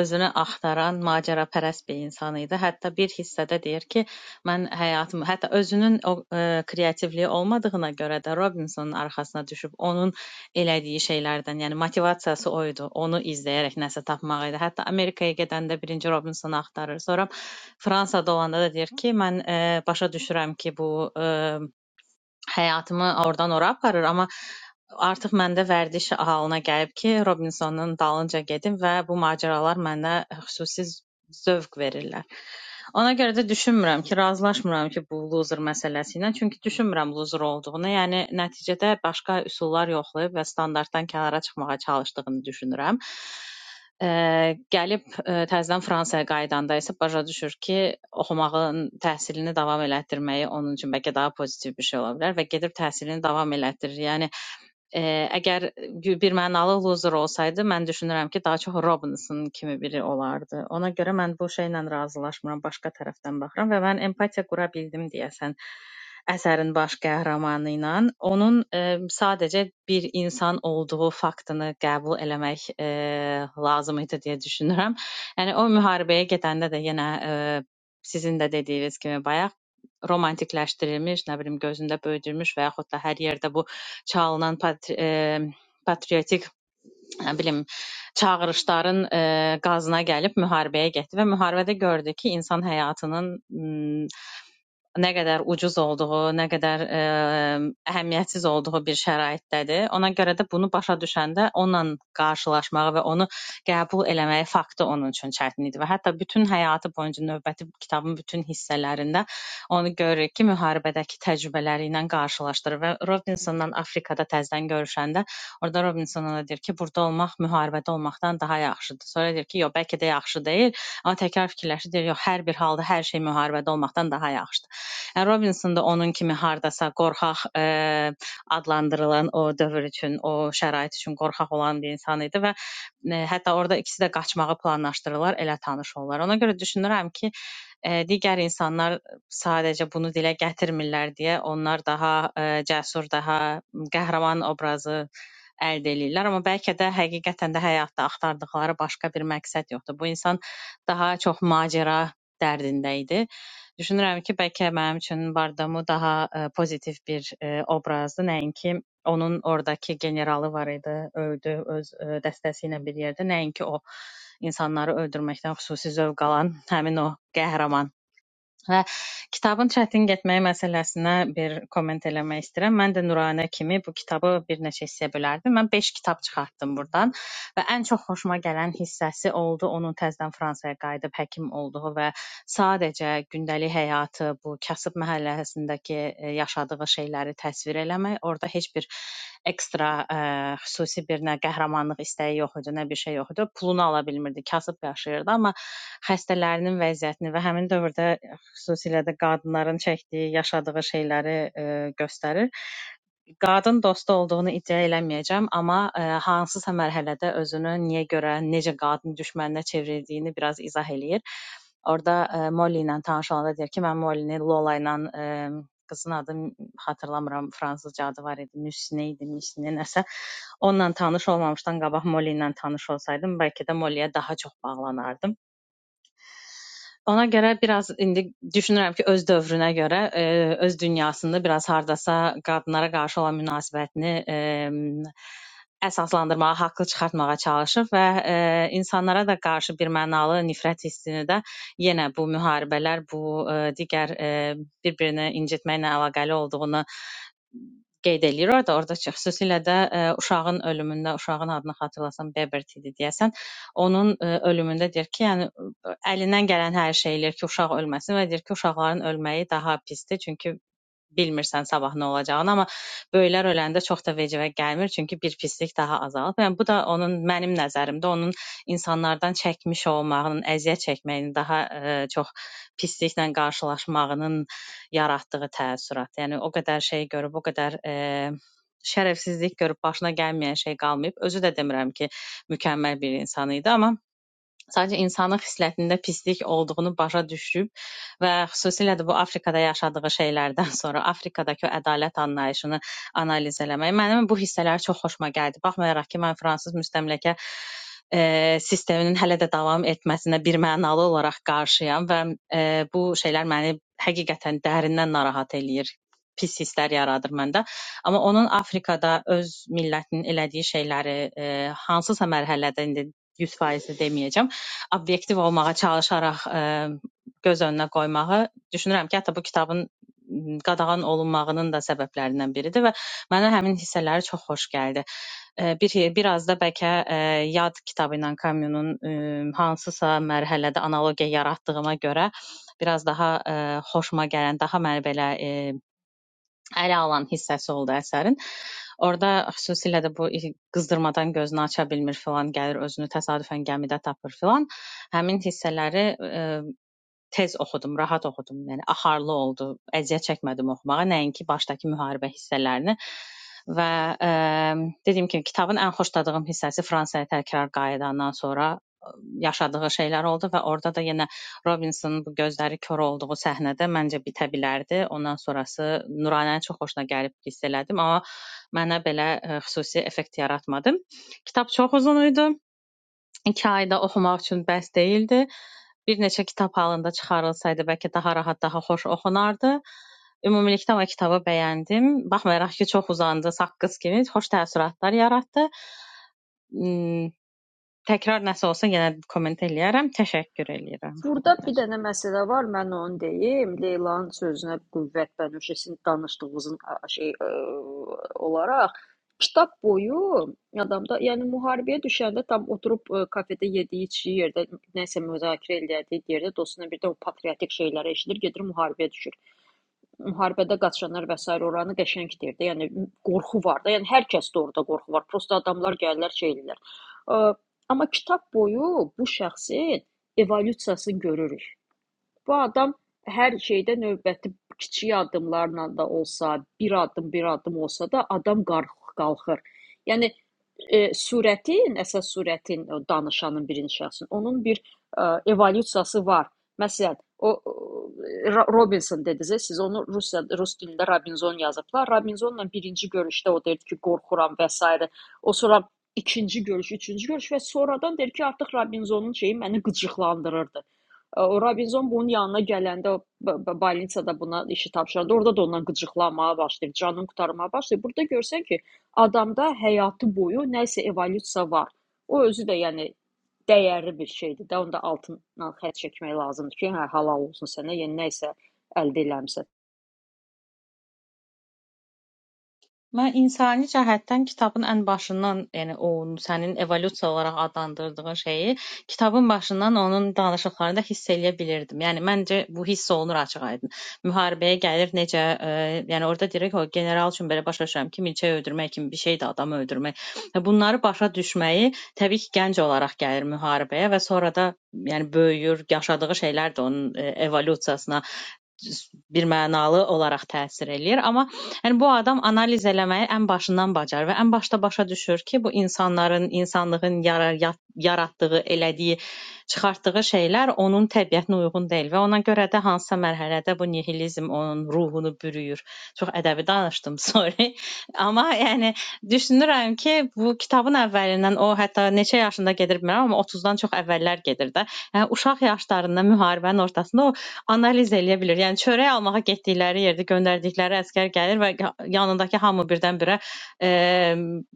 S2: özünü axtaran macərapərəst bir insan idi. Hətta bir hissədə deyir ki, mən həyatımı, hətta özünün o eee, kreativliyi olmadığına görə də Robinsonun arxasına düşüb onun elədiyi şeylərdən, yəni motivasiyası o idi, onu izləyərək nəsə tapmaq idi. Hətta Amerikaya gedəndə birinci Robinsonu axtarır, sonra Fransada olanda da deyir ki, mən eee, başa düşürəm ki, bu eee həyatımı oradan ora aparır, amma artıq məndə vərdiş halına gəlib ki, Robinsonun dalınca gedim və bu macəralar məndə xüsusi zövq verirlər. Ona görə də düşünmürəm ki, razılaşmıram ki, bu loser məsələsi ilə, çünki düşünmürəm loser olduğunu. Yəni nəticədə başqa üsullar yoxlayıb və standartdan kənara çıxmağa çalışdığını düşünürəm. Ə, gəlib ə, təzədən Fransaya qayıdanda isə başa düşür ki, oxumağın təhsilini davam elətdirməyi onun üçün bəlkə daha pozitiv bir şey ola bilər və gedib təhsilini davam elətdirir. Yəni Eee, əgər gü- birmənalı loser olsaydı, mən düşünürəm ki, daha çox Robinson kimi biri olardı. Ona görə mən bu şeylə razılaşmıram, başqa tərəfdən baxıram və mən empatiya qura bildim deyəsən əsərin baş qəhrəmanı ilə. Onun eee, sadəcə bir insan olduğu faktını qəbul eləmək eee, lazım idi deyə düşünürəm. Yəni o müharibəyə gedəndə də yenə eee, sizin də dediyiniz kimi bayaq romantikləşdirilmiş, nə bilim gözündə böyüdülmüş və yaxud da hər yerdə bu çalınan patri eee, patriotik, nə bilim, çağırışların eee, qazına gəlib müharibəyə getdi və müharibədə gördü ki, insan həyatının m, nə qədər ucuz olduğu, nə qədər ə, əhəmiyyətsiz olduğu bir şəraitdədir. Ona görə də bunu başa düşəndə onunla qarşılaşmağı və onu qəbul eləməyi faktı onun üçün çətin idi və hətta bütün həyatı boyunca növbəti kitabın bütün hissələrində onu görürük ki, müharibədəki təcrübələri ilə qarşılaşdırır və Robinsonla Afrikada təzədən görüşəndə orada Robinson ona deyir ki, burada olmaq müharibədə olmaqdan daha yaxşıdır. Sonra deyir ki, yox, bəlkə də yaxşı deyil, amma təkrar fikirləşir, deyir, yox, hər bir halda hər şey müharibədə olmaqdan daha yaxşıdır. Robinson da onun kimi hardasa qorxaq e, adlandırılan o dövr üçün, o şərait üçün qorxaq olan bir insan idi və e, hətta orada ikisi də qaçmağı planlaşdırırlar, elə tanış olurlar. Ona görə düşünürəm ki, e, digər insanlar sadəcə bunu dilə gətirmirlər deyə onlar daha e, cəsur, daha qəhrəman obrazı əldə eləyirlər, amma bəlkə də həqiqətən də həyatda axtardıqları başqa bir məqsəd yoxdur. Bu insan daha çox macəra dərdində idi Düşünürəm ki, bəlkə mənim üçün Bardamu daha ə, pozitiv bir ə, obrazdır, nəinki onun ordakı generalı var idi, öldü öz ə, dəstəsi ilə bir yerdə, nəinki o insanları öldürməkdən xüsusi zövq alan həmin o qəhrəman. Və kitabın çətin getməyi məsələsinə bir komment eləmək istəyirəm. Mən də Nuranə kimi bu kitabı bir neçə hissəyə bölərdim. Mən 5 kitab çıxartdım burdan və ən çox xoşuma gələn hissəsi oldu onun təzədən Fransaya qayıdıb həkim olduğu və sadəcə gündəlik həyatı, bu kasıb məhəlləsindəki e, yaşadığı şeyləri təsvir eləmək. Orada heç bir ekstra ə, xüsusi bir nə qəhrəmanlıq istəyi yox idi, nə bir şey yox idi. Pulunu ala bilmirdi, kasıb yaşayırdı, amma xəstələrinin vəziyyətini və həmin dövrdə xüsusilə də qadınların çəkdiyi, yaşadığı şeyləri e, göstərir. Qadın dostu olduğunu iddia eləməyəcəm, amma e, hansısa mərhələdə özünü niyə görə, necə qadın düşməninə çevrildiyini biraz izah eləyir. Orda e, Molly ilə tanış olanda deyir ki, mən Molly-ni Lola ilə e, qızın adı xatırlamıram, fransızca adı var idi, Müsnə idi, Müsnə nəsə. Onunla tanış olmamışdan qabaq Molly ilə tanış olsaydım, bəlkə də Molly-yə daha çox bağlanardım. Ona görə biraz indi düşünürəm ki, öz dövrünə görə, e, öz dünyasında biraz hardasa qadınlara qarşı olan münasibətini e, əsaslandırmağa, haqlı çıxartmağa çalışır və e, insanlara da qarşı bir mənalı nifrət hissini də yenə bu müharibələr, bu e, digər e, bir-birini incitməklə əlaqəli olduğunu qeyd eləyir orada, orada ki, xüsusilə də ə, uşağın ölümündə, uşağın adını xatırlasam Bebert idi deyəsən, onun ə, ölümündə deyir ki, yəni ə, əlindən gələn hər şey eləyir ki, uşaq ölməsin və deyir ki, uşaqların ölməyi daha pisdir, çünki bilmirsən sabah nə olacağını, amma böyüklər öləndə çox da vecivə gəlmir, çünki bir pislik daha azalır. Yəni bu da onun mənim nəzərimdə onun insanlardan çəkmiş olmağının, əziyyət çəkməyinin, daha ə, çox pisliklə qarşılaşmağının yaratdığı təəssürat. Yəni o qədər şey görüb, o qədər ə, şərəfsizlik görüb başına gəlməyən şey qalmayıb. Özü də demirəm ki, mükəmməl bir insan idi, amma Sadəcə insanın xislətində pislik olduğunu başa düşüb və xüsusilə də bu Afrikada yaşadığı şeylərdən sonra Afrikadakı o ədalət anlayışını analiz eləmək mənim bu hissələr çox xoşuma gəldi. Baxmayaraq ki, mən fransız müstəmləkə e, sisteminin hələ də davam etməsinə bir mənalı olaraq qarşıyam və e, bu şeylər məni həqiqətən dərindən narahat eləyir pis hisslər yaradır məndə. Amma onun Afrikada öz millətinin elədiyi şeyləri e, hansısa mərhələdə indi 100% deməyəcəm obyektiv olmağa çalışaraq ə, göz önünə qoymağı düşünürəm ki, hətta bu kitabın m, qadağan olunmağının da səbəblərindən biridir və mənə həmin hissələri çox xoş gəldi. Ə, Bir biraz da bəlkə ə, Yad kitabı ilə Camus'un ə, hansısa mərhələdə analogiya yaratdığıma görə biraz daha ə, xoşuma gələn, daha məni belə ə, ələ alan hissəsi oldu əsərin. Orda xüsusilə də bu i- qızdırmadan gözünü aça bilmir filan, gəlir özünü təsadüfən gəmidə tapır filan. Həmin hissələri e, Tez oxudum, rahat oxudum. Yəni axarlı oldu. Əziyyət çəkmədim oxumağa, nəinki başdakı müharibə hissələrini. Və ə, dediyim kimi kitabın ən xoşladığım hissəsi Fransaya təkrar qayıdandan sonra ə, yaşadığı şeylər oldu və orada da yenə Robinsonun bu gözləri kor olduğu səhnədə məncə bitə bilərdi. Ondan sonrası Nuranənin çox xoşuna gəlib hiss elədim, amma mənə belə ə, xüsusi effekt yaratmadı. Kitab çox uzun idi. 2 ayda oxumaq üçün bəs deyildi. Bir neçə kitab halında çıxarılsaydı bəlkə daha rahat, daha xoş oxunardı. Ümumilikdə o kitabı bəyəndim. Baxmayaraq ki, çox uzandı, saqqız kimi xoş təəssüratlar yaratdı. Mm, Təkrar nəsə olsa yenə komment eləyərəm. Təşəkkür eləyirəm. Bu
S3: Burda
S2: qədər.
S3: bir dənə məsələ var, mən onu deyim. Leylanın sözünə qüvvət bənövşəsin danışdığımızın a- şey ə, olaraq kitab boyu adamda, yəni müharibəyə düşəndə tam oturub ə, kafedə yediyi, içdiyi yerdə nəsə müzakirə eləyirdi, yerdə dostuna birdən o patriotik şeyləri eşidir, gedir müharibəyə düşür müharibədə qaçanlar və sair oranı qəşəng deyir də. Yəni qorxu var da. Yəni hər kəsdə orada qorxu var. Prosta adamlar gəlirlər, şey eləyirlər. Ə, Amma kitab boyu bu şəxsin evolyusiyasını görürük. Bu adam hər şeydə növbəti kiçik addımlarla da olsa, bir addım bir addım olsa da adam qarx- qalxır. Yəni e, surətin, əsas surətin o danışanın birinci şəxsin onun bir e, evolyusiyası var. Məsələn, o e, Ra- Robinson dedizə, siz onu Rusiya rus dilində Robinson yazıblar. Robinsonla birinci görüşdə o deyirdi ki, qorxuram və s. O sonra ikinci görüş, üçüncü görüş və sonradan deyir ki, artıq Robinsonun şeyi məni qıcıqlandırırdı. O Robinzon bunun yanına gələndə o b- b- balinsada buna işi tapşırdı. Orada da ondan qıcıqlanmağa başlayır, canını qurtarmağa başlayır. Burada görsən ki, adamda həyatı boyu nəsə evolyusiya var. O özü də yəni dəyərli bir şeydir də. Onda altından xətt çəkmək lazımdır ki, hə halal olsun sənə, yəni nəsə əldə eləmisən.
S2: Mən insani cəhətdən kitabın ən başından, yəni o sənin evolyusiya olaraq adlandırdığın şeyi kitabın başından onun danışıqlarında hiss eləyə bilirdim. Yəni məncə bu hiss olunur açıq-aydın. Müharibəyə gəlir necə, ə, yəni orada deyir ki, o general üçün belə başa düşürəm ki, milçəyi öldürmək kimi bir şeydir, adamı öldürmək. Və Bunları başa düşməyi təbii ki, gənc olaraq gəlir müharibəyə və sonra da yəni böyüyür, yaşadığı şeylər də onun ə, evolyusiyasına birmənalı olaraq təsir eləyir, amma yəni bu adam analiz eləməyi ən başından bacarır və ən başda başa düşür ki, bu insanların, insanlığın yara- yat- yaratdığı, elədiyi, çıxartdığı şeylər onun təbiətinə uyğun deyil və ona görə də hansısa mərhələdə bu nihilizm onun ruhunu bürüyür. Çox ədəbi danışdım, sorry. Amma yəni düşünürəm ki, bu kitabın əvvəlindən o hətta neçə yaşında gedir bilmirəm, amma 30-dan çox əvvəllər gedir də. Yəni uşaq yaşlarında müharibənin ortasında o analiz eləyə bilir. Yəni çörək almağa getdikləri yerdə göndərdikləri əsgər gəlir və ya- yanındakı hamı birdən-birə e,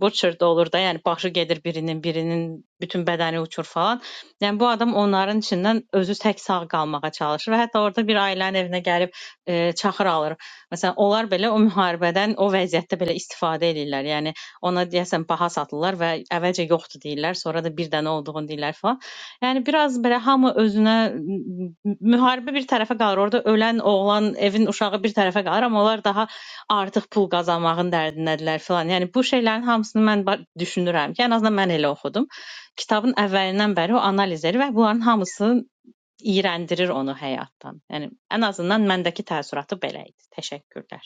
S2: butcher da olur da, yəni başı gedir birinin, birinin bütün bədəni uçur falan. Yəni bu adam onların içindən özü tək sağ qalmağa çalışır və hətta orada bir ailənin evinə gəlib e, çaxır alır. Məsələn, onlar belə o müharibədən o vəziyyətdə belə istifadə edirlər. Yəni ona deyəsən baha satırlar və əvvəlcə yoxdur deyirlər, sonra da bir dənə olduğunu deyirlər falan. Yani biraz belə hamı özünə m- m- müharibə bir tərəfə qalır. Orada ölən oğlan, evin uşağı bir tərəfə qalır, amma onlar daha artıq pul qazanmağın dərdindədirlər filan. Yəni bu şeylərin hamısını mən ba- düşünürəm ki, ən azından mən elə oxudum. Kitabın əvvəlindən bəri o analiz edir və bunların hamısı iyrəndirir onu həyatdan. Yəni ən azından məndəki təəssüratı belə idi. Təşəkkürlər.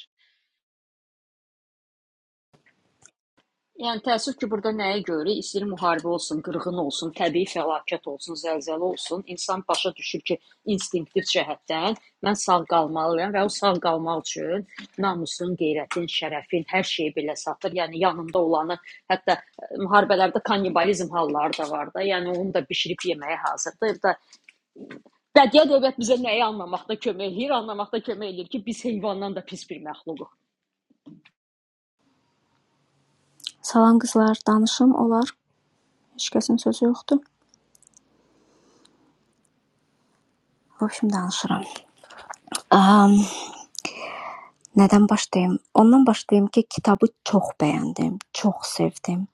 S3: Yəni təəssüf ki, burada nəyi görürük? İstəyir müharibə olsun, qırğın olsun, təbii fəlakət olsun, zəlzələ olsun. İnsan başa düşür ki, instinktiv cəhətdən mən sağ qalmalıyam və o sağ qalmaq üçün namusun, qeyrətin, şərəfin hər şeyi belə satır. Yəni yanında olanı, hətta ə, müharibələrdə kannibalizm halları da var da. Yəni onu da bişirib yeməyə hazırdır. Da bədii ədəbiyyat bizə nəyi anlamaqda kömək eləyir? Anlamaqda kömək eləyir ki, biz heyvandan da pis bir məxluquq.
S5: Salam qızlar, danışım olar. Heç kəsin sözü yoxdur. В общем, danışıram. Um, nədən başlayım? Ondan başlayım ki, kitabı çox bəyəndim, çox sevdim.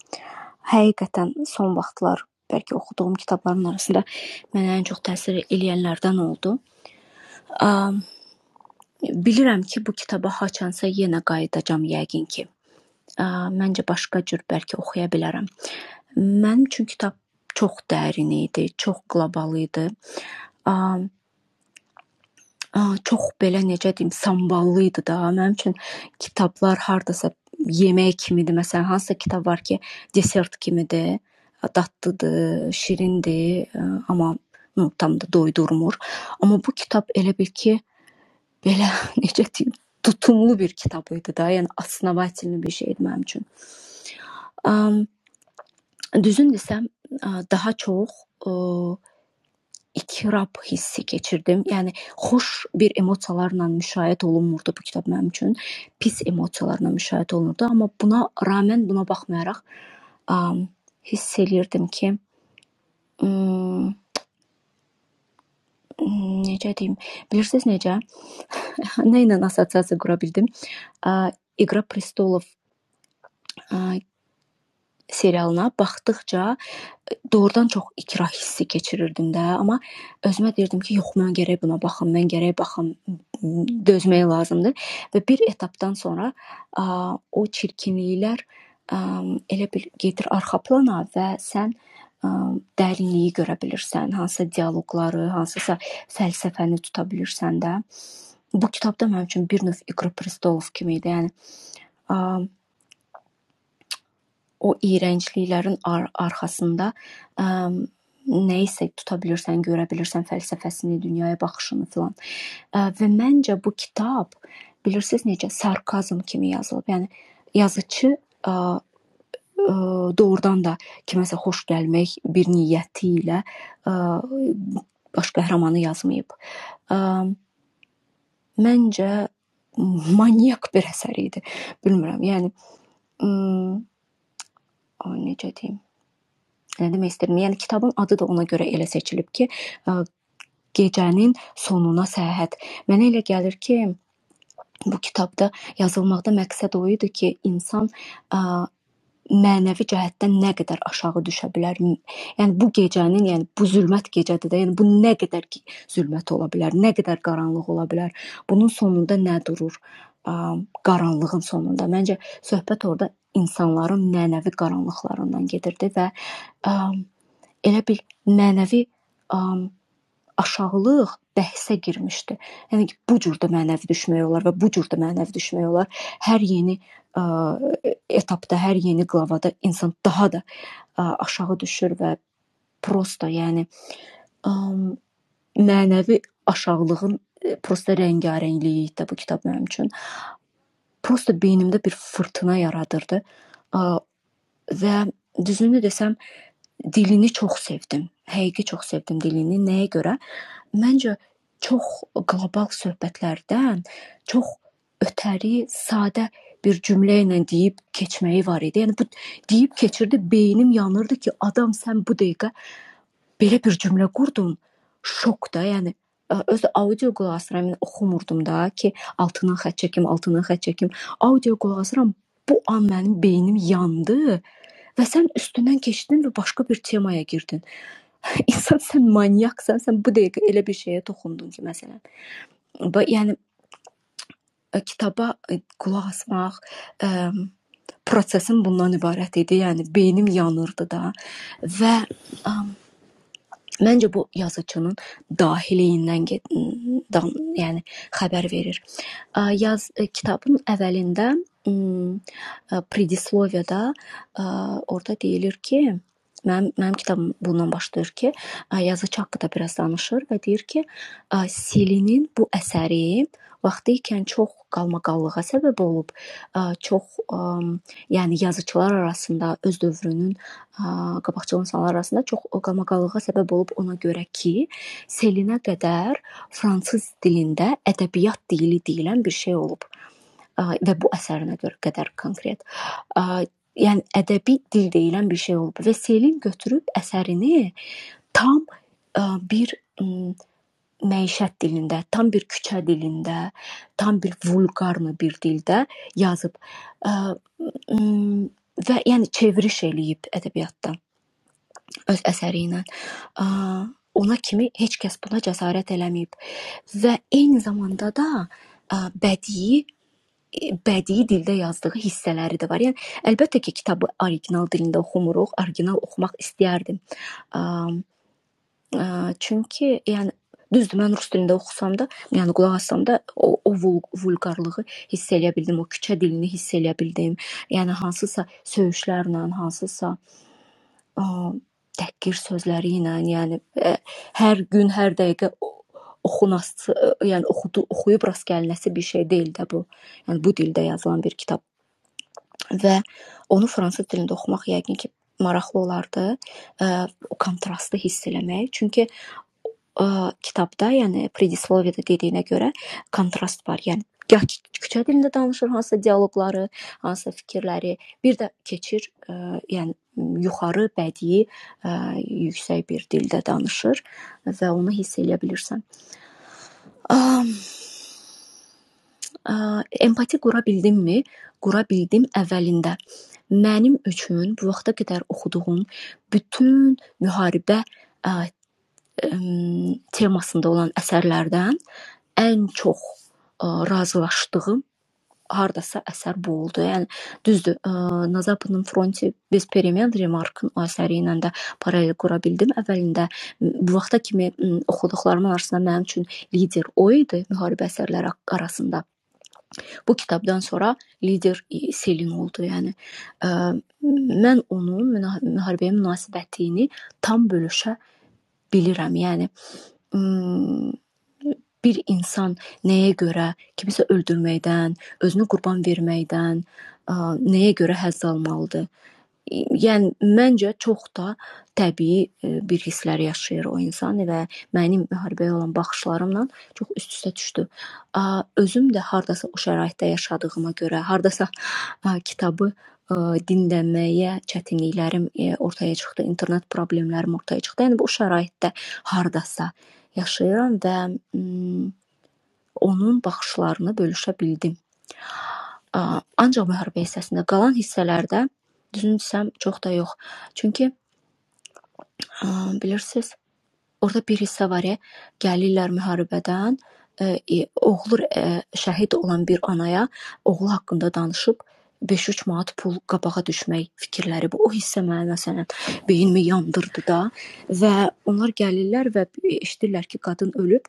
S5: Həqiqətən son vaxtlar bəlkə oxuduğum kitabların arasında mənə ən çox təsir eləyənlərdən oldu. Um, bilirəm ki, bu kitaba haçansa yenə qayıdacam yəqin ki. Uh, məncə başqa cür bəlkə oxuya bilərəm. Mənim üçün kitab çox dərin idi, çox qlobal idi. Um, Ah, çox belə necə deyim, samballı idi da. Mənim üçün kitablar hardasa yemək kimidir. Məsələn, hansısa kitab var ki, desert kimidir, dadlıdır, şirindir, ə, amma ну, tam da doydurmur. Amma bu kitab elə bil ki, belə necə deyim, tutumlu bir kitab idi da. Yəni основательный bir şey idi mənim üçün. Am, Düzün desəm, ə, daha çox e, İtirab hissi keçirdim. Yəni xoş bir emosiyalarla müşayiət olunmurdu bu kitab mənim üçün. Pis emosiyalarla müşayiət olunurdu, amma buna rağmen, buna baxmayaraq am, hiss eləyirdim ki, mm, necə deyim, bilirsiniz necə? Nə ilə assosiasiya qura bildim? A, İqra prestolov a, serialına baxdıqca Doğrudan çox ikrah hissi keçirirdim də, amma özümə deyirdim ki, yox, mən gərək buna baxım, mən gərək baxım, dözmək lazımdır və bir etapdan sonra ə, o çirkinliklər ə, elə bil gedir arxa plana və sən ə, dərinliyi görə bilirsən, hansısa dialoqları, hansısa fəlsəfəni tuta bilirsən də. Bu kitab da mənim üçün bir növ İqor Pristolov kimi idi. Yəni O iyrəncliklərin arxasında nəyisə tuta bilirsən, görə bilirsən fəlsəfəsini, dünyaya baxışını filan. Ə, Və məncə bu kitab bilirsiniz necə sarkazm kimi yazılıb. Yəni yazıçı ə, ə, doğrudan da kiməsə xoş gəlmək bir niyyəti ilə ə, baş qəhrəmanı yazmayıb. Ə, Məncə maniak bir əsər idi. Bilmirəm. Yəni m, ay necə deyim? Nə demək istəyirəm? Yəni kitabın adı da ona görə elə seçilib ki, ə, gecənin sonuna səyahət. Mənə elə gəlir ki, bu kitabda yazılmaqda məqsəd o idi ki, insan ə, mənəvi cəhətdən nə qədər aşağı düşə bilər. M- Yəni bu gecənin, yəni bu zülmət gecədir də, yəni bu nə qədər ki zülmət ola bilər, nə qədər qaranlıq ola bilər. Bunun sonunda nə durur? Ə, qaranlığın sonunda. Məncə söhbət orada insanların mənəvi qaranlıqlarından gedirdi və ə, elə bir mənəvi um, aşağılıq bəhsə girmişdi. Yəni ki, bu cür də mənəvi düşmək olar və bu cür də mənəvi düşmək olar. Hər yeni ə, etapda, hər yeni qlavada insan daha da ə, aşağı düşür və prosta, yəni ə, mənəvi aşağılığın ə, prosta rəngarəngliyi idi bu kitab mənim üçün. Prosta beynimdə bir fırtına yaradırdı. Ə, və düzünü desəm dilini çox sevdim. Həqiqi çox sevdim dilini. Nəyə görə? Məncə çox qlobal söhbətlərdən çox ötəri, sadə bir cümlə ilə deyib keçməyi var idi. Yəni bu deyib keçirdi, beynim yanırdı ki, adam sən bu dəqiqə belə bir cümlə qurdun. Şok da, yəni ə, öz audio qulaq asıram, yəni oxumurdum da ki, altından xətt çəkim, altından xətt çəkim. Audio qulaq asıram, bu an mənim beynim yandı və sən üstündən keçdin və başqa bir temaya girdin. İnsan sən manyaksan, sən bu dəqiqə elə bir şeyə toxundun ki, məsələn, bu yəni ə, kitaba ə, qulaq asmaq ə, prosesim bundan ibarət idi. Yəni beynim yanırdı da və ə, Məncə bu yazıçının dahiliyindən get- dan, yəni xəbər verir. Ə, Yaz ə, kitabın əvvəlində m, ə, predisloviyada ə, orada deyilir ki, mənim mənim kitabım bundan başlayır ki, ə, yazıçı haqqında biraz danışır və deyir ki, ə, Selinin bu əsəri vaxtı ikən çox qalmaqallığa səbəb olub, ə, çox ə, yəni yazıçılar arasında öz dövrünün qabaqcıl insanlar arasında çox qamaqallığa səbəb olub ona görə ki, Selinə qədər fransız dilində ədəbiyyat dili deyilən bir şey olub və bu əsərinə görə qədər konkret. Yəni ədəbi dil deyilən bir şey olub və Selin götürüb əsərini tam bir məişət dilində, tam bir küçə dilində, tam bir vulqarlı bir dildə yazıb və yəni çeviriş eləyib ədəbiyyatdan öz əsəri ilə. A, Ona kimi heç kəs buna cəsarət eləməyib və eyni zamanda da a, bədii bədii dildə yazdığı hissələri də var. Yəni əlbəttə ki, kitabı orijinal dilində oxumuruq, orijinal oxumaq istəyərdim. A, a, Çünki yəni düzdür, mən rus dilində oxusam da, yəni qulaq assam da o, o vul- vulqarlığı hiss eləyə bildim, o küçə dilini hiss eləyə bildim. Yəni hansısa söyüşlərlə, hansısa ə, təhqir sözləri ilə, yəni ə, hər gün, hər dəqiqə o- oxunası, ə, yəni oxudu, oxuyub rast gəlinəsi bir şey deyil də bu. Yəni bu dildə yazılan bir kitab və onu fransız dilində oxumaq yəqin ki maraqlı olardı. Ə, o kontrastı hiss eləmək. Çünki Eee, kitabda, yəni predisloviyada dediyinə görə kontrast var. Yəni gah ki- küçə dilində danışır hansısa dialoqları, hansısa fikirləri, bir də keçir, eee, yəni yuxarı bədii, eee, yüksək bir dildə danışır və onu hiss eləyə bilirsən. Am, eee, Empati qura bildimmi? Qura bildim əvvəlində. Mənim üçün bu vaxta qədər oxuduğum bütün müharibə eee, əm, temasında olan əsərlərdən ən çox ə, razılaşdığım hardasa əsər bu oldu. Yəni düzdür, ə, Nazapının Fronti bez permen remarkın o əsəri ilə də paralel qura bildim. Əvvəlində m, bu vaxta kimi m, oxuduqlarımın arasında mənim üçün lider o idi müharibə əsərləri haqq- arasında. Bu kitabdan sonra lider e, Selin oldu. Yəni ə, mən onun müna- müharibəyə münasibətini tam bölüşə bilirəm. Yəni ım, bir insan nəyə görə kimisə öldürməkdən, özünü qurban verməkdən ə, nəyə görə həzz almalıdır? Yəni məncə çox da təbii e, bir hisslər yaşayır o insan və mənim müharibəyə olan baxışlarımla çox üst-üstə düşdü. A, Özüm də hardasa o şəraitdə yaşadığıma görə, hardasa a, kitabı a, dinləməyə çətinliklərim e, ortaya çıxdı, internet problemlərim ortaya çıxdı. Yəni bu şəraitdə hardasa yaşayıram və mm, onun baxışlarını bölüşə bildim. Ancaq müharibə hissəsində, qalan hissələrdə düzünü desəm çox da yox, çünki bilirsiz Orda bir hissə var e, gəlirlər müharibədən, e, oğlu e, şəhid olan bir anaya oğlu haqqında danışıb 5-3 manat pul qabağa düşmək fikirləri bu. O hissə mənə məsələn beynimi yandırdı da və onlar gəlirlər və eşidirlər ki, qadın ölüb.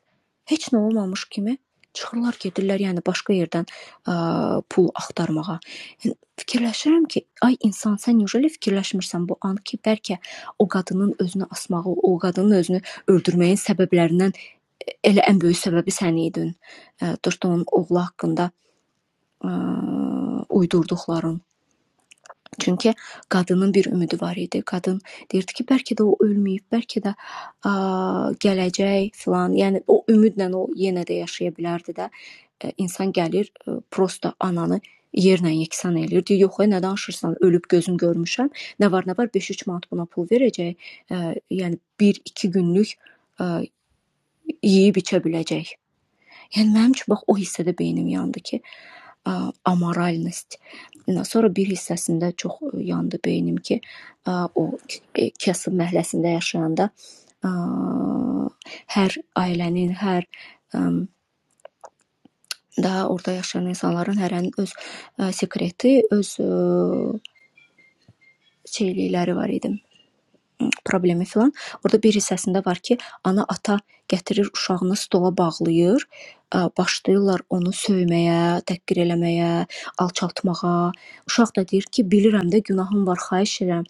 S5: Heç nə olmamış kimi çıxırlar gedirlər, yəni başqa yerdən ə, pul axtarmağa. Yəni, fikirləşirəm ki, ay insan sən necə fikirləşmirsən bu an ki, bəlkə o qadının özünü asmağı, o qadının özünü öldürməyin səbəblərindən elə ən böyük səbəbi sən idin. Dostun oğlu haqqında ə, uydurduqların. Çünki qadının bir ümidi var idi. Qadın deyirdi ki, bəlkə də o ölməyib, bəlkə də ə, gələcək filan. Yəni o ümidlə o yenə də yaşaya bilərdi də. Ə, İnsan gəlir, ə, prosta ananı yerlə yeksan eləyir. Deyir, yox, ay, nə danışırsan? Ölüb gözüm görmüşəm. Nə var, nə var? 5-3 manat buna pul verəcək. Ə, yəni 1-2 günlük ə, Yeyib-içə biləcək. Yəni mənim üçün bax o hissədə beynim yandı ki, ə, amoralnost. Sonra bir hissəsində çox yandı beynim ki, ə, o kasıb məhəlləsində yaşayanda ə, hər ailənin, hər ə, daha orada yaşayan insanların hərənin öz ə, sekreti, öz ə, şeylikləri var idi. problemi filan. Orada bir hissəsində var ki, ana ata gətirir uşağını stola bağlayır, ə, başlayırlar onu söyməyə, təhqir eləməyə, alçaltmağa. Uşaq da deyir ki, bilirəm də günahım var, xahiş edirəm.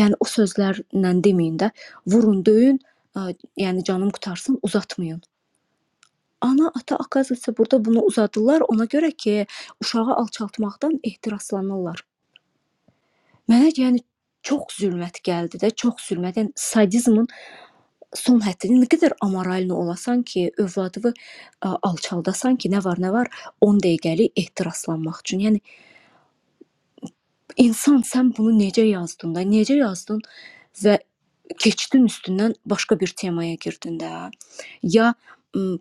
S5: Yəni o sözlərlə deməyin də, vurun, döyün, ə, yəni canım qutarsın, uzatmayın. Ana, ata akaziyası burada bunu uzadılar ona görə ki, uşağı alçaltmaqdan ehtiraslanırlar. Mənə yəni çox zülmət gəldi də, çox zülmət. Yəni sadizmin Son həddinə nə qədər amoralni olasan ki, övladını ə, alçaldasan ki, nə var nə var 10 dəqiqəlik ehtiraslanmaq üçün. Yəni insan sən bunu necə yazdın da, necə yazdın və keçdin üstündən başqa bir temaya girdin də. Ya m,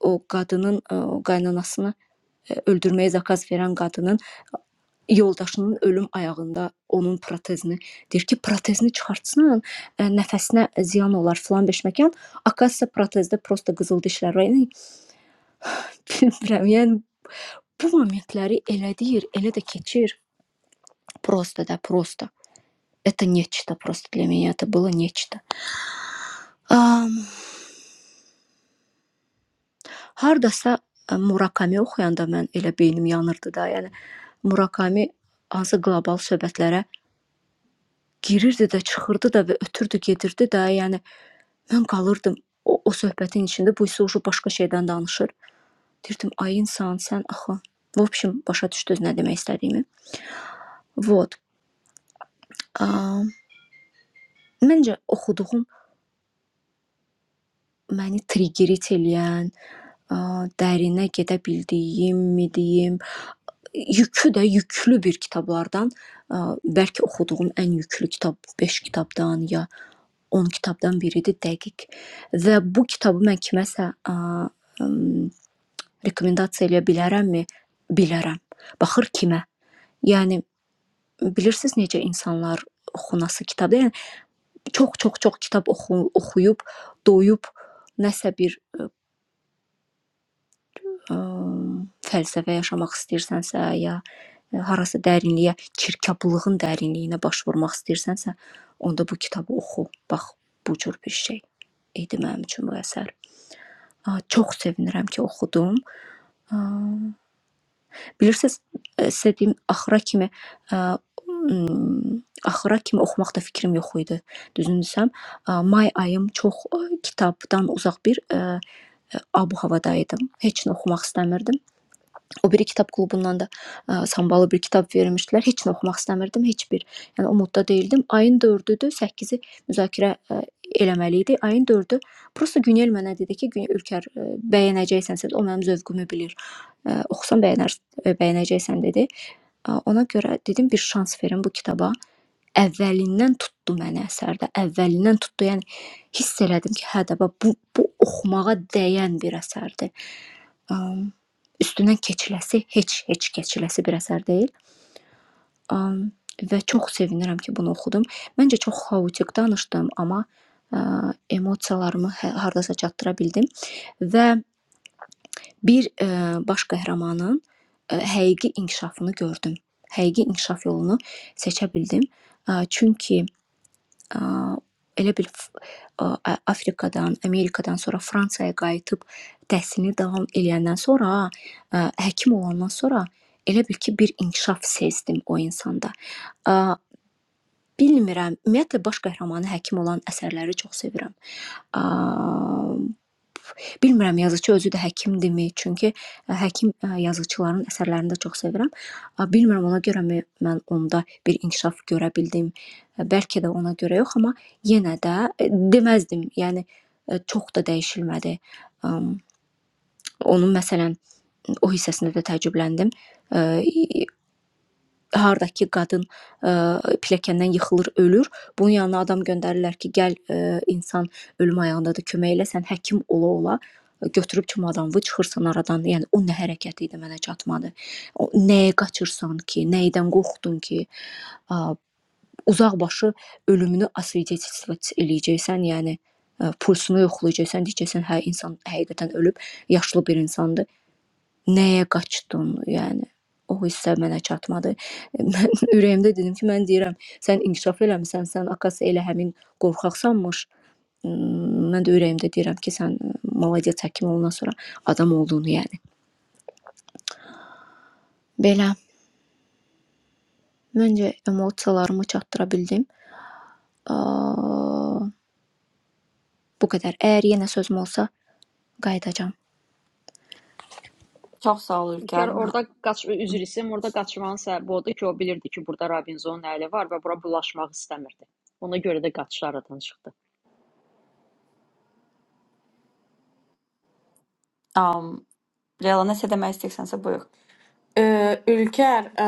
S5: o qadının ə, o qaynanasını ə, öldürməyə zakaz verən qadının Yoldaşının ölüm ayağında onun protezini deyir ki, protezini çıxartsan, ə, nəfəsinə ziyan olar filan beşməkan. Akasiya protezdə prosta qızıl dişlər var. Yəni bilmirəm. Yəni bu momentləri elə deyir, elə də keçir. Prosta da, prosta. Это нечто просто для меня это было нечто. Am, hardasa ə, Murakami oxuyanda mən elə beynim yanırdı da. Yəni Murakami hansı qlobal söhbətlərə girirdi də, çıxırdı da və ötürdü, gedirdi də. Yəni Mən qalırdım o, o söhbətin içində, bu isə uşu başqa şeydən danışır. Deyirdim, ay insan, sən axı. В общем, başa düşdünüz nə demək istədiyimi? Вот. Ə, məncə oxuduğum məni triggerit eləyən, ə, dərinə gedə bildiyim, mi deyim, yükü də yüklü bir kitablardan, ə, bəlkə oxuduğum ən yüklü kitab 5 kitabdan ya 10 kitabdan biridir dəqiq. Və bu kitabı mən kiməsə ə, Rekomendasiya eləyə bilərəmmi? Bilərəm. Baxır kimə? Yəni bilirsiz necə insanlar oxunası kitab, yəni çox-çox-çox kitab oxu, oxuyub, doyub nəsə bir ə, ə, fəlsəfə yaşamaq istəyirsənsə ya ə, harasa dərinliyə, çirkablığın dərinliyinə baş vurmaq istəyirsənsə, onda bu kitabı oxu. Bax, bu cür bir şey idi mənim üçün bu əsər. Ə, Çox sevinirəm ki, oxudum. Ə, Bilirsiz, ə, sizə deyim, axıra kimi, ə, ım, axıra kimi oxumaqda fikrim yox idi. Düzünü desəm, ə, may ayım çox ə, kitabdan uzaq bir ə, ə, abu-havada idim. Heç nə oxumaq istəmirdim. O biri kitab klubundan da ə, sambalı bir kitab vermişdilər. Heç nə oxumaq istəmirdim, heç bir. Yəni umudda değildim. Ayın 4-üdür, 8-i müzakirə ə, eləməli idi. Ayın 4-ü prosta Günel mənə dedi ki, Günel Ülkər ə, bəyənəcəksənsə, o mənim zövqümü bilir. Ə, oxusan bəyənər, ə, bəyənəcəksən dedi. Ə, ona görə dedim bir şans verin bu kitaba. Əvvəlindən tutdu məni əsərdə. Əvvəlindən tutdu. Yəni hiss elədim ki, hə də bax, bu bu oxumağa dəyən bir əsərdir. Am, üstündən keçiləsi, heç heç keçiləsi bir əsər deyil. Am, və çox sevinirəm ki, bunu oxudum. Məncə çox xaotik danışdım, amma ə, emosiyalarımı hə- hardasa çatdıra bildim və bir ə, baş qəhrəmanın ə, həqiqi inkişafını gördüm. Həqiqi inkişaf yolunu seçə bildim. Ə, çünki Ə, elə bil F- ə, Ə- Afrikadan, Amerikadan sonra Fransaya qayıtıb təhsilini davam eləyəndən sonra, ə, həkim olandan sonra elə bil ki, bir inkişaf sezdim o insanda. Ə, Bilmirəm, ümumiyyətlə baş qəhrəmanı həkim olan əsərləri çox sevirəm. Ə, Bilmirəm yazıçı özü də həkimdirmi? Çünki ə, həkim ə, yazıçıların əsərlərini də çox sevirəm. Ə, Bilmirəm ona görəmi mən onda bir inkişaf görə bildim. Ə, Bəlkə də ona görə yox, amma yenə də ə, deməzdim. Yəni ə, çox da dəyişilmədi. Əm, Onun məsələn o hissəsində də təəccübləndim. Ə, hardakı qadın ə, pilləkəndən yıxılır, ölür. Bunun yanına adam göndərirlər ki, gəl ə, insan ölüm ayağındadır, kömək elə, sən həkim ola ola e, götürüb çumadanı çıxırsan aradan. Yəni o nə hərəkət idi mənə çatmadı. O nəyə qaçırsan ki, nəyidən qorxdun ki, ə, uzaq başı ölümünü asvedetstvət eləyəcəksən, yəni ə, pulsunu yoxlayacaqsan, deyəcəksən hə insan həqiqətən ölüb, yaşlı bir insandır. Nəyə qaçdın, yəni? O hissə mənə çatmadı. Mən ürəyimdə dedim ki, mən deyirəm, sən inkişaf eləmisən, sən akası elə həmin qorxaqsanmış. Mm, Mən də ürəyimdə deyirəm ki, sən maladiyyə həkim olandan sonra adam olduğunu yəni. Belə məncə emosiyalarımı çatdıra bildim. Aa, bu qədər. Əgər yenə sözüm olsa qayıdacağam.
S1: Çox sağ ol
S3: İlk
S1: Ülker.
S3: yarı orada qaç üzr istəyirəm, orada qaçmağın səbəbi odur ki, o bilirdi ki, burada Robinsonun əli var və bura bulaşmaq istəmirdi. Ona görə də qaçışı aradan çıxdı.
S1: Um, Leyla nəsə demək istəyirsənsə buyur.
S4: Ə, Ülker, ə,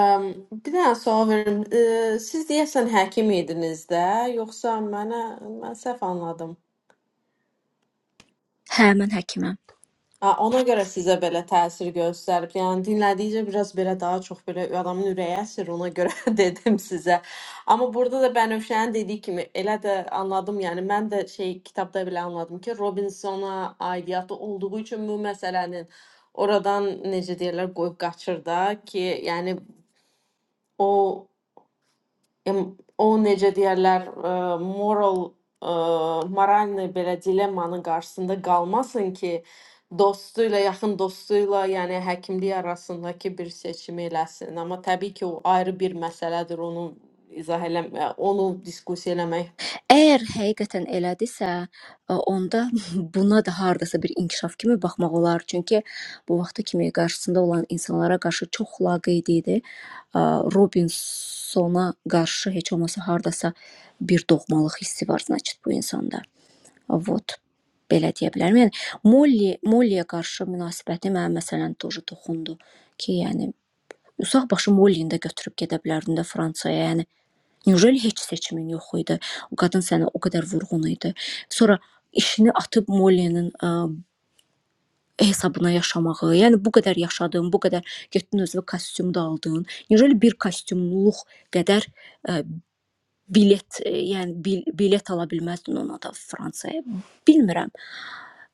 S4: bir dənə sual verim. Ə, siz deyəsən həkim idiniz də, yoxsa mənə mən səhv anladım?
S5: Hə, mən həkiməm.
S4: Ha, ona görə sizə belə təsir göstərib. Yəni dinlədikcə biraz belə daha çox belə adamın ürəyi əsir, ona görə dedim sizə. Amma burada da Bənövşənin dediyi kimi elə də anladım. Yəni mən də şey kitabda belə anladım ki, Robinsona aidiyyatı olduğu üçün bu məsələnin oradan necə deyirlər qoyub qaçır da ki, yəni o em- o necə deyərlər, ə, moral ə, moralni belə dilemmanın qarşısında qalmasın ki, dostu ilə, yaxın dostu ilə, yəni həkimlik arasındakı bir seçimi eləsin. Amma təbii ki, o ayrı bir məsələdir, onu izah eləmək, onu diskussiya eləmək.
S5: Əgər həqiqətən elədisə, onda buna da hardasa bir inkişaf kimi baxmaq olar, çünki bu vaxta kimi qarşısında olan insanlara qarşı çox laqeyd idi. Robinsona qarşı heç olmasa hardasa bir doğmalıq hissi var, значит, bu insanda. Вот. Belə deyə bilərəm. Yəni Molly, Mollyyə qarşı münasibəti mənim məsələn toju toxundu ki, yəni uşaq başı Mollyni də götürüb gedə bilərdin də Fransaya. Yəni Neujeli heç seçimin yox idi? O qadın sənə o qədər vurğun idi. Sonra işini atıb Molly'nin ə, hesabına yaşamağı, yəni bu qədər yaşadın, bu qədər getdin özünə kostyum da aldın. Neujeli bir kostyumluq qədər ə, bilet, ə, yəni bil, bilet ala bilməzdin ona da Fransaya. Bilmirəm.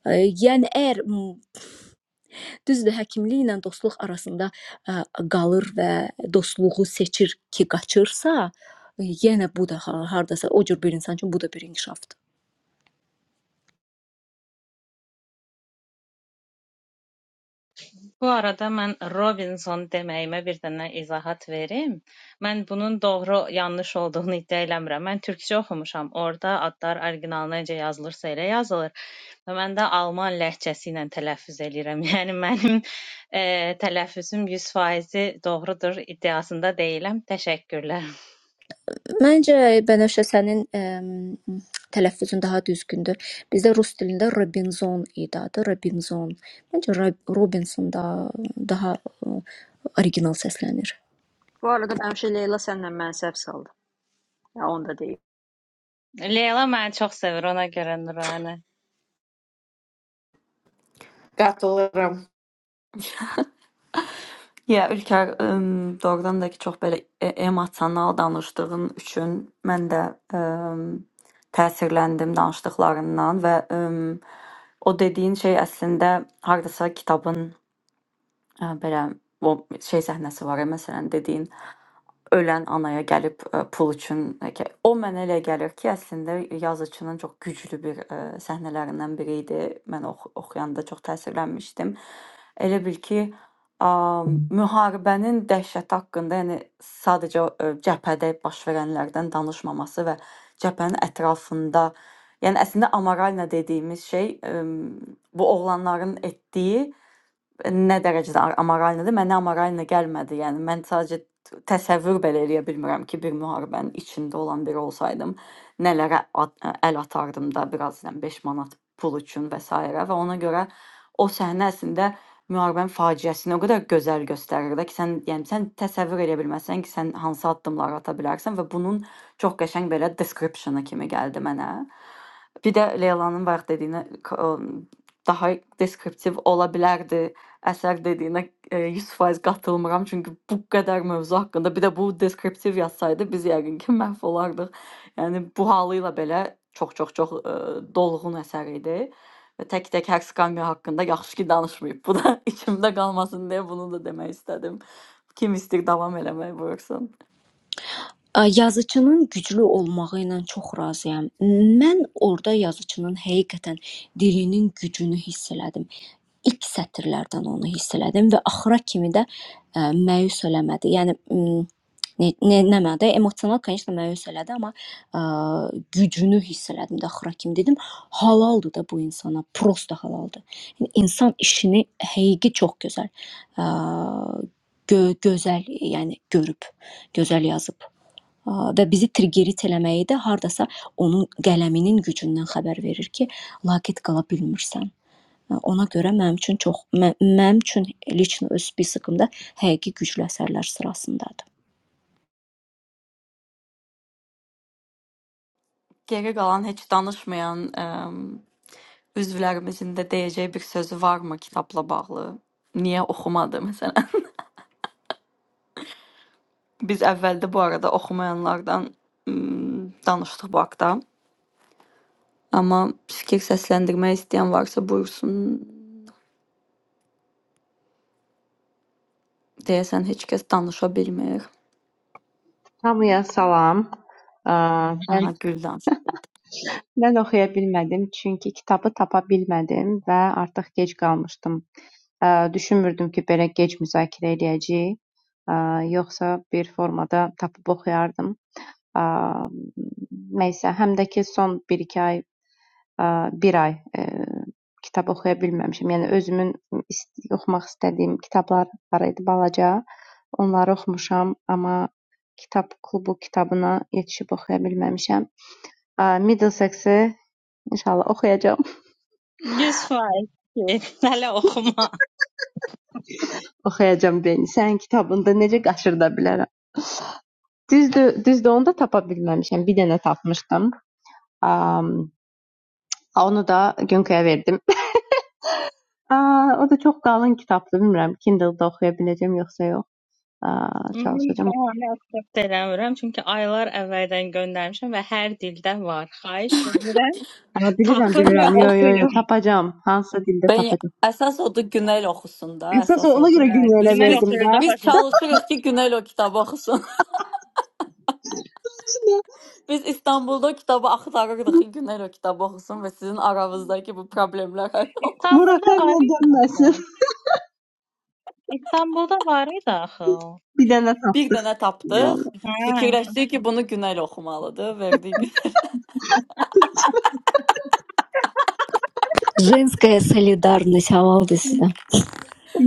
S5: Ə, Yəni əgər Düzdür, həkimlik ilə dostluq arasında ə, qalır və dostluğu seçir ki, qaçırsa, e, yenə bu da ha- hardasa o cür bir insan üçün bu da bir inkişafdır.
S2: Bu arada mən Robinson deməyimə bir dənə izahat verim. Mən bunun doğru yanlış olduğunu iddia eləmirəm. Mən türkcə oxumuşam. Orda adlar orijinalına necə yazılırsa elə yazılır və mən də alman ləhcəsi ilə tələffüz eləyirəm. Yəni mənim e, tələffüzüm 100%-i doğrudur iddiasında deyiləm. Təşəkkürlər.
S5: Məncə Bənövşə sənin əm, tələffüzün daha düzgündür. Bizdə rus dilində Robinson idi adı, Robinson. Məncə Ra- Robinson da daha ə, original səslənir.
S3: Bu arada həmişə Leyla sənlə mən səhv saldı. Ya onu da deyim.
S2: Leyla məni çox sevir ona görə Nuranə.
S4: Qatılıram.
S1: Ya Ülker, ım, doğrudan da ki çox belə e- emosional danışdığın üçün mən də ım, təsirləndim danışdıqlarından və ım, o dediyin şey əslində hardasa kitabın ə, belə o şey səhnəsi var, ya, məsələn dediyin ölən anaya gəlib ə, pul üçün ə, ki, o mənə elə gəlir ki, əslində yazıçının çox güclü bir ə, səhnələrindən biri idi. Mən ox oxuyanda çox təsirlənmişdim. Elə bil ki, ə, müharibənin dəhşəti haqqında, yəni sadəcə ə, cəbhədə baş verənlərdən danışmaması və cəbhənin ətrafında, yəni əslində amoralna dediyimiz şey ə, bu oğlanların etdiyi Nə dərəcədə a- amorallıdır? Mənə amorallı gəlmədi. Yəni mən sadəcə t- təsəvvür belə eləyə bilmirəm ki, bir müharibənin içində olan biri olsaydım, nələrə at, əl atardım da biraz yəni 5 manat pul üçün və s. və ona görə o səhnə əslində müharibənin faciəsini o qədər gözəl göstərir də ki, sən yəni sən təsəvvür edə bilməsən ki, sən hansı addımlar ata bilərsən və bunun çox qəşəng belə description-ı kimi gəldi mənə. Bir də Leylanın bayaq dediyinə k- ə, daha deskriptiv ola bilərdi Əsər dediyinə, eee, 100% qatılmıram, çünki bu qədər mövzu haqqında bir də bu deskriptiv yazsaydı biz yəqin ki, məhv olardıq. Yəni bu halı ilə belə çox-çox-çox, eee, dolğun əsər idi və tək-tək hər skamya haqqında yaxşı ki, danışmayıb. Bu da içimdə qalmasın deyə bunu da demək istədim. Kim istəyir davam eləmək buyursun.
S5: Yazıçının güclü olmağı ilə çox razıyam. Mən orda yazıçının həqiqətən dilinin gücünü hiss elədim. İlk sətirlərdən onu hiss elədim və axıra kimi də ə, məyus eləmədi. Yəni m, ne, ne, nə mənada emosional конечно məyus elədi, amma ə, gücünü hiss elədim də axıra kimi dedim, halaldır da bu insana, prosta halaldır. Yəni insan işini həqiqi çox gözəl ə, gö gözəl yəni görüb, gözəl yazıb. Aa, və bizi triggerit eləməyi də hardasa onun qələminin gücündən xəbər verir ki, laqeyd qala bilmirsən. Ə, Ona görə mənim üçün çox mə- mənim üçün lichno öz spiskimdə həqiqi güclü əsərlər sırasındadır.
S1: Geri qalan heç danışmayan, emm, üzvlərimizin də deyəcəyi bir sözü varmı kitabla bağlı? Niyə oxumadı məsələn? Biz əvvəldə bu arada oxumayanlardan mm, danışdıq bu haqda. Amma fikir səsləndirmək istəyən varsa buyursun. Deyəsən heç kəs danışa bilmir.
S6: Hamıya salam. Ə, Mən
S1: Aha, Güldən.
S6: mən oxuya bilmədim çünki kitabı tapa bilmədim və artıq gec qalmışdım. Ə, Düşünmürdüm ki, belə gec müzakirə edəcəyik. Ə, Yoxsa bir formada tapıb oxuyardım. Ə, Nəysə, həm də ki son 1-2 ay, ə, bir ay ə, kitab oxuya bilməmişəm. Yəni özümün ist- oxumaq istədiyim kitablar var idi balaca. Onları oxumuşam, amma kitab klubu kitabına yetişib oxuya bilməmişəm. Middlesex'i inşallah oxuyacam.
S2: 100% Hələ oxuma.
S6: Oxuyacam beni. Sənin kitabında necə qaşırda bilərəm. Düzdür, düzdür onu da tapa bilməmişəm. Bir dənə tapmışdım. Um, onu da Günkəyə verdim. Aa, o da çox qalın kitabdır. Bilmirəm Kindle-da oxuya biləcəm yoxsa yox. Aa,
S2: Onun
S6: çalışacağam.
S2: bəhanə aksept eləmirəm, çünki aylar əvvəldən göndərmişəm və hər dildə var. Xahiş edirəm,
S6: Aa, bilirəm,
S2: tapın və
S6: bilirəm. Yo, yo, yo,
S2: oxuyun.
S6: tapacağım. Hansısa dildə
S1: Ben
S6: tapacağım.
S1: əsas odur Günel oxusun da,
S6: Əsas
S1: əsas
S6: ona
S1: odur
S6: görə
S2: Hə,
S1: yəni.
S6: Günkəyə
S1: Biz
S2: Günel
S1: biz
S6: verdim
S2: oxuyur
S6: də.
S2: da
S1: biz
S2: başa.
S1: çalışırıq ki, Günel o kitabı oxusun. biz İstanbulda o kitabı axtarırdıq ki, Günel o kitabı oxusun və sizin aranızdakı bu problemlər həll olsun.
S2: İstanbulda var
S6: Murakami
S2: idi axı.
S6: dönməsin.
S2: İstanbulda var idi axı. o.
S6: Bir dənə
S1: Bir dənə
S6: tapdım
S1: tapdıq.
S6: onu.
S2: Hə,
S1: Fikirləşdik ki, bunu Günel oxumalıdır. Verdik.
S5: Женская солидарность halal desin.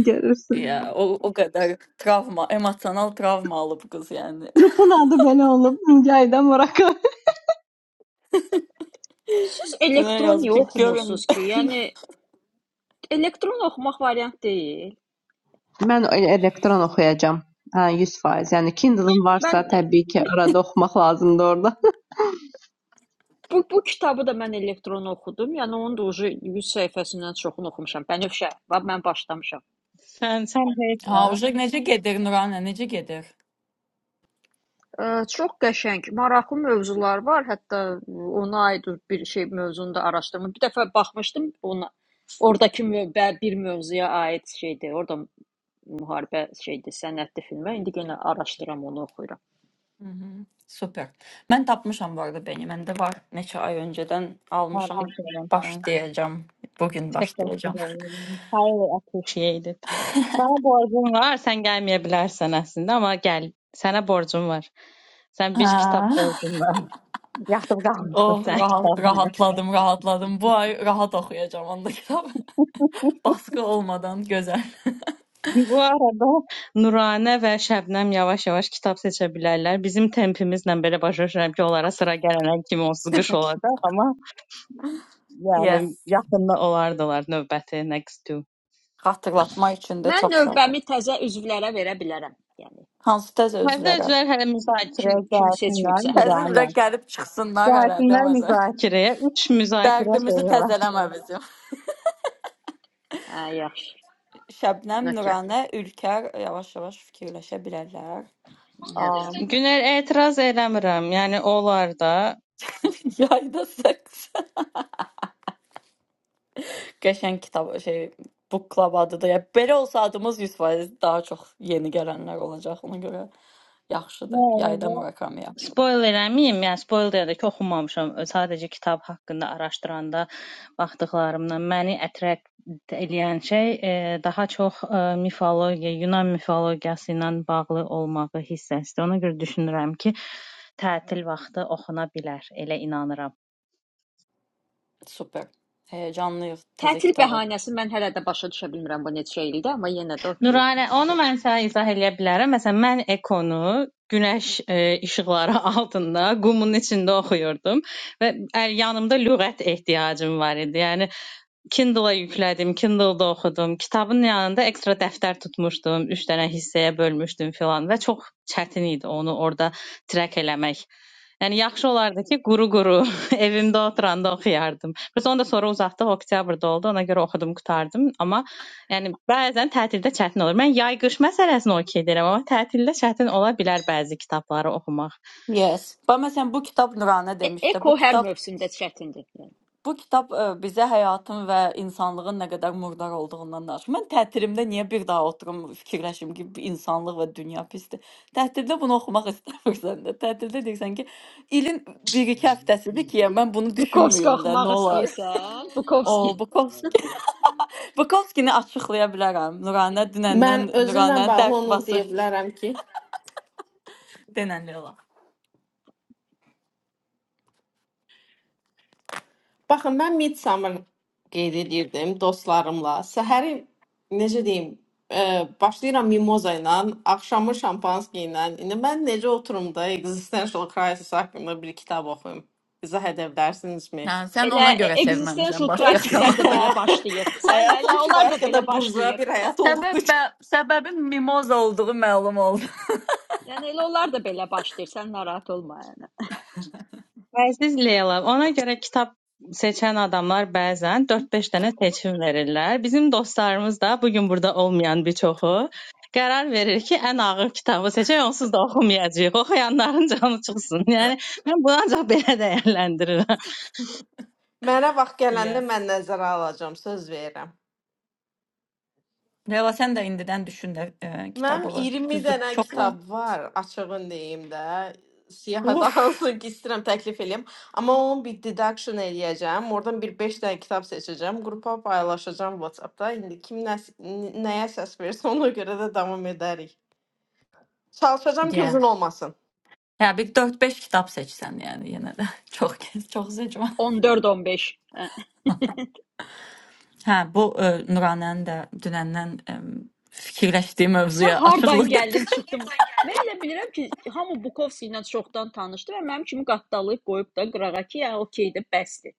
S6: Görürsün.
S1: Ya o, o kadar travma, emosyonel travma alıp kız yani.
S6: Qrupun adı belə olub, Müqayidə Murakami.
S3: Siz
S1: Güney
S3: elektron
S1: yazıp
S3: niyə
S1: bir görün.
S3: oxumursunuz ki? Yəni elektron oxumaq variant deyil.
S6: Mən elə elektron oxuyacam. Hə, 100%. Yəni Kindle-ın varsa,
S3: Mən
S6: təbii ki,
S3: bu
S6: arada oxumaq lazımdır orada.
S3: bu, bu kitabı da mən elektron oxudum. Yəni onun da ucu 100 səhifəsindən çoxunu oxumuşam. Bənövşə, bax mən başlamışam.
S2: sən sən
S1: Ha,
S2: deyirsən,
S1: уже necə gedir Nurana, necə gedir?
S3: Ə, Çox qəşəng, maraqlı mövzular var. Hətta ona aid bir şey mövzunu da araşdırdım. Bir dəfə baxmışdım ona. Ordakı mö- bə- bir mövzuya aid şeydir. Orda müharibə şeydir, sənədli filmə. İndi yenə araşdıram, onu oxuyuram.
S1: Hı-hı. Super. Mən tapmışam bu arada beni. Məndə var. Neçə ay öncədən almışam.
S2: təbrik edirəm sən.
S1: Başlayacağım. Bugün başlayacağım.
S2: Təşəkkür edirəm. Highly appreciated. Sənə borcum var, sən gəlməyə bilərsən əslində, amma gəl. Sənə borcum var. Sən bir
S1: Ha.
S2: kitab borcun var. Yatıb qalmışsın
S1: Oh,
S2: sən
S1: rahat,
S2: kitabında.
S1: rahatladım, rahatladım. Bu ay rahat oxuyacağım onda kitab. Baskı olmadan gözəl.
S2: Bu arada Nuranə və Şəbnəm yavaş-yavaş kitab seçə bilərlər. Bizim tempimizlə belə başa düşürəm ki, onlara sıra gələnə kimi onsuz qış olacaq, amma yəni
S1: Yes.
S2: yaxında olardılar növbəti next two.
S1: Xatırlatma üçün də çox
S3: Mən
S1: sağ olun.
S3: növbəmi təzə üzvlərə verə bilərəm. Yəni
S1: Hansı təzə
S2: Hələ
S1: üzvlərə?
S2: üzvlər hələ
S3: kim
S2: müzakirəyə
S3: kim
S2: gəlsinlər
S3: seçməyibsə hələ.
S1: Təzə üzrə
S2: Nuranə.
S1: gəlib çıxsınlar hələ
S2: Gəlsinlər
S1: demədi.
S2: müzakirəyə. Üç müzakirə
S1: Dərdimizi
S2: şeyi var.
S1: təzələmə bizim.
S3: Hə, yaxşı.
S1: Şəbnəm,
S3: Okay.
S1: Nuranə, Ülkər yavaş-yavaş fikirləşə bilərlər.
S3: Yaxşı.
S1: Am,
S2: Günel etiraz eləmirəm. Yəni olar da.
S1: yayda seks. Qəşəng kitab şey book club adıdır. Ya belə olsa adımız 100% daha çox yeni gələnlər olacaq. Ona görə yaxşıdır. Yayda Murakami yaxşıdır.
S2: Spoil eləməyim, yəni spoil deyəndə ki, oxumamışam. Sadəcə kitab haqqında araşdıranda baxdıqlarımdan məni attract eləyən şey e, daha çox e, mifologiya, Yunan mifologiyası ilə bağlı olmağı hissəsidir. Ona görə düşünürəm ki, tətil vaxtı oxuna bilər, elə inanıram.
S1: Super. Həyəcanlıyıq təzə
S3: Tətil
S1: kitaba.
S3: bəhanəsi mən hələ də başa düşə bilmirəm bu neçə ildir, amma yenə də okay.
S2: Nuranə, onu mən sənə izah eləyə bilərəm. Məsələn, mən Ekonu günəş e, işıqları altında qumun içində oxuyurdum və əl- yanımda lüğət ehtiyacım var idi. Yəni Kindle-a yüklədim, Kindle-da oxudum. Kitabın yanında ekstra dəftər tutmuşdum, 3 dənə hissəyə bölmüşdüm filan və çox çətin idi onu orada trek eləmək. Yəni yaxşı olardı ki, quru-quru evimdə oturanda oxuyardım. Biz onu da sonra uzatdıq, oktyabrda oldu. Ona görə oxudum, qurtardım. Amma yəni bəzən tətildə çətin olur. Mən yay-qış məsələsini okey deyirəm, amma tətildə çətin ola bilər bəzi kitabları oxumaq.
S1: Yes. Bax məsələn bu kitab Nuranə
S3: E
S1: demişdi. Bu
S3: Eko hər
S1: kitab
S3: mövsümdə çətindir.
S1: Bu kitab ə, bizə həyatın və insanlığın nə qədər murdar olduğundan danışır. Mən təhtilimdə niyə bir daha oturum fikirləşim ki, bu insanlıq və dünya pisdir. Təhtildə bunu oxumaq istəmirsən də. Təhtildə deyirsən ki, ilin 1-2 həftəsidir ki, ya mən bunu
S3: Bukovski
S1: düşünmüyüm də,
S3: oxumaq
S1: nə olar.
S3: istəyirsən?
S1: O,
S3: Bukovski.
S1: Bukovski, Bukovskini açıqlaya bilərəm. Nuranə dünəndən
S4: Mən özümlə
S1: Nuranə
S4: bağlı
S1: dərd
S4: onu deyə
S1: basıb
S4: bilərəm ki,
S1: denənli olar.
S4: Baxın, mən Midsummer qeyd edirdim dostlarımla. Səhəri necə deyim, ə, başlayıram mimoza ilə, axşamı şampanski ilə. İndi mən necə oturum da existential crisis haqqında bir kitab oxuyum? İzah edə bilərsinizmi?
S1: Hə, sən
S3: Elə
S1: ona görə sevməmisən
S3: existential
S1: başqa
S3: crisislər də
S1: romanı.
S3: belə başlayır. Sən
S4: Həyatım
S3: elə onlar
S4: kifayət
S3: da belə
S4: qədər burjua
S3: başlayır.
S4: bir həyat olduğu
S1: Səbəb
S4: üçün
S1: bə- səbəbin mimoz olduğu məlum oldu.
S3: Yəni elə onlar da belə başlayır. Sən narahat olma yəni.
S2: Əziz Leyla, ona görə kitab seçən adamlar bəzən 4-5 dənə seçim verirlər. Bizim dostlarımız da bu gün burada olmayan bir çoxu qərar verir ki, ən ağır kitabı seçək, onsuz da oxumayacağıq. Oxuyanların canı çıxsın. Yəni mən bunu ancaq belə dəyərləndirirəm.
S4: mənə vaxt gələndə
S1: Yes.
S4: mən nəzərə alacağam, söz verirəm.
S1: Leyla sən də indidən düşün də e,
S4: Mənim
S1: kitabı.
S4: 20
S1: Düzdür,
S4: dənə
S1: çox var.
S4: kitab var, açığın deyim də. Siyahıda
S1: Uf.
S4: hansını ki istəyirəm təklif eləyim, amma onun bir deduction eləyəcəm. Oradan bir 5 dənə kitab seçəcəm, qrupa paylaşacağım WhatsApp-da. İndi kim nə, nəyə səs versə ona görə də davam edərik. Çalışacağım ki,
S1: Yeah.
S4: uzun olmasın.
S1: Ya bir 4-5 kitab seçsən yəni yenə də çox gez, çox seçmə.
S3: 14-15. Hə.
S1: Hə, bu e, Nuranənin də dünəndən e, fikirləşdiyi
S3: Ah, Sən
S1: mövzuya
S3: hardan
S1: açıqlıq gətirdi.
S3: gəldin, çıxdın? Mən elə bilirəm ki, hamı Bukovski ilə çoxdan tanışdı və mənim kimi qatdalayıb qoyub da qırağa ki, ya okeydir, bəsdir.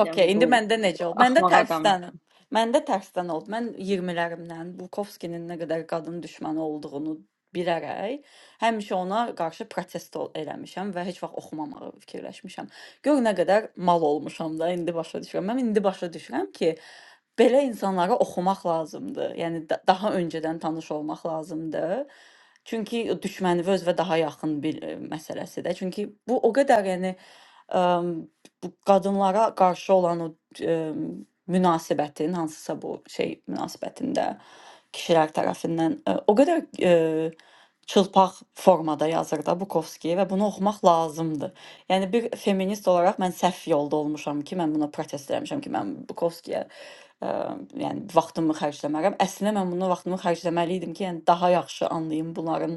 S1: Okey,
S3: Yəni
S1: indi
S3: bu
S1: məndə necə oldu? Məndə
S3: axmaq adamı.
S1: tərsinə. Məndə tərsinə oldu. Mən 20-lərimdən Bukovskinin nə qədər qadın düşməni olduğunu bilərək həmişə ona qarşı protesto eləmişəm və heç vaxt oxumamağı fikirləşmişəm. Gör nə qədər mal olmuşam da indi başa düşürəm. Mən indi başa düşürəm ki, belə insanları oxumaq lazımdır. Yəni da daha öncədən tanış olmaq lazımdır. Çünki düşməni özünə daha yaxın bir məsələsidir. Çünki bu o qədər yəni bu qadınlara qarşı olan o e, münasibətin, hansısa bu şey münasibətində kişilər tərəfindən e, o qədər e, çılpaq formada yazır da Bukovski və bunu oxumaq lazımdır. Yəni bir feminist olaraq mən səhv yolda olmuşam ki, mən buna protest eləmişəm ki, mən Bukovskiyə Ə, yəni vaxtımı xərcləmərəm. Əslində mən buna vaxtımı xərcləməli idim ki, yəni daha yaxşı anlayım bunların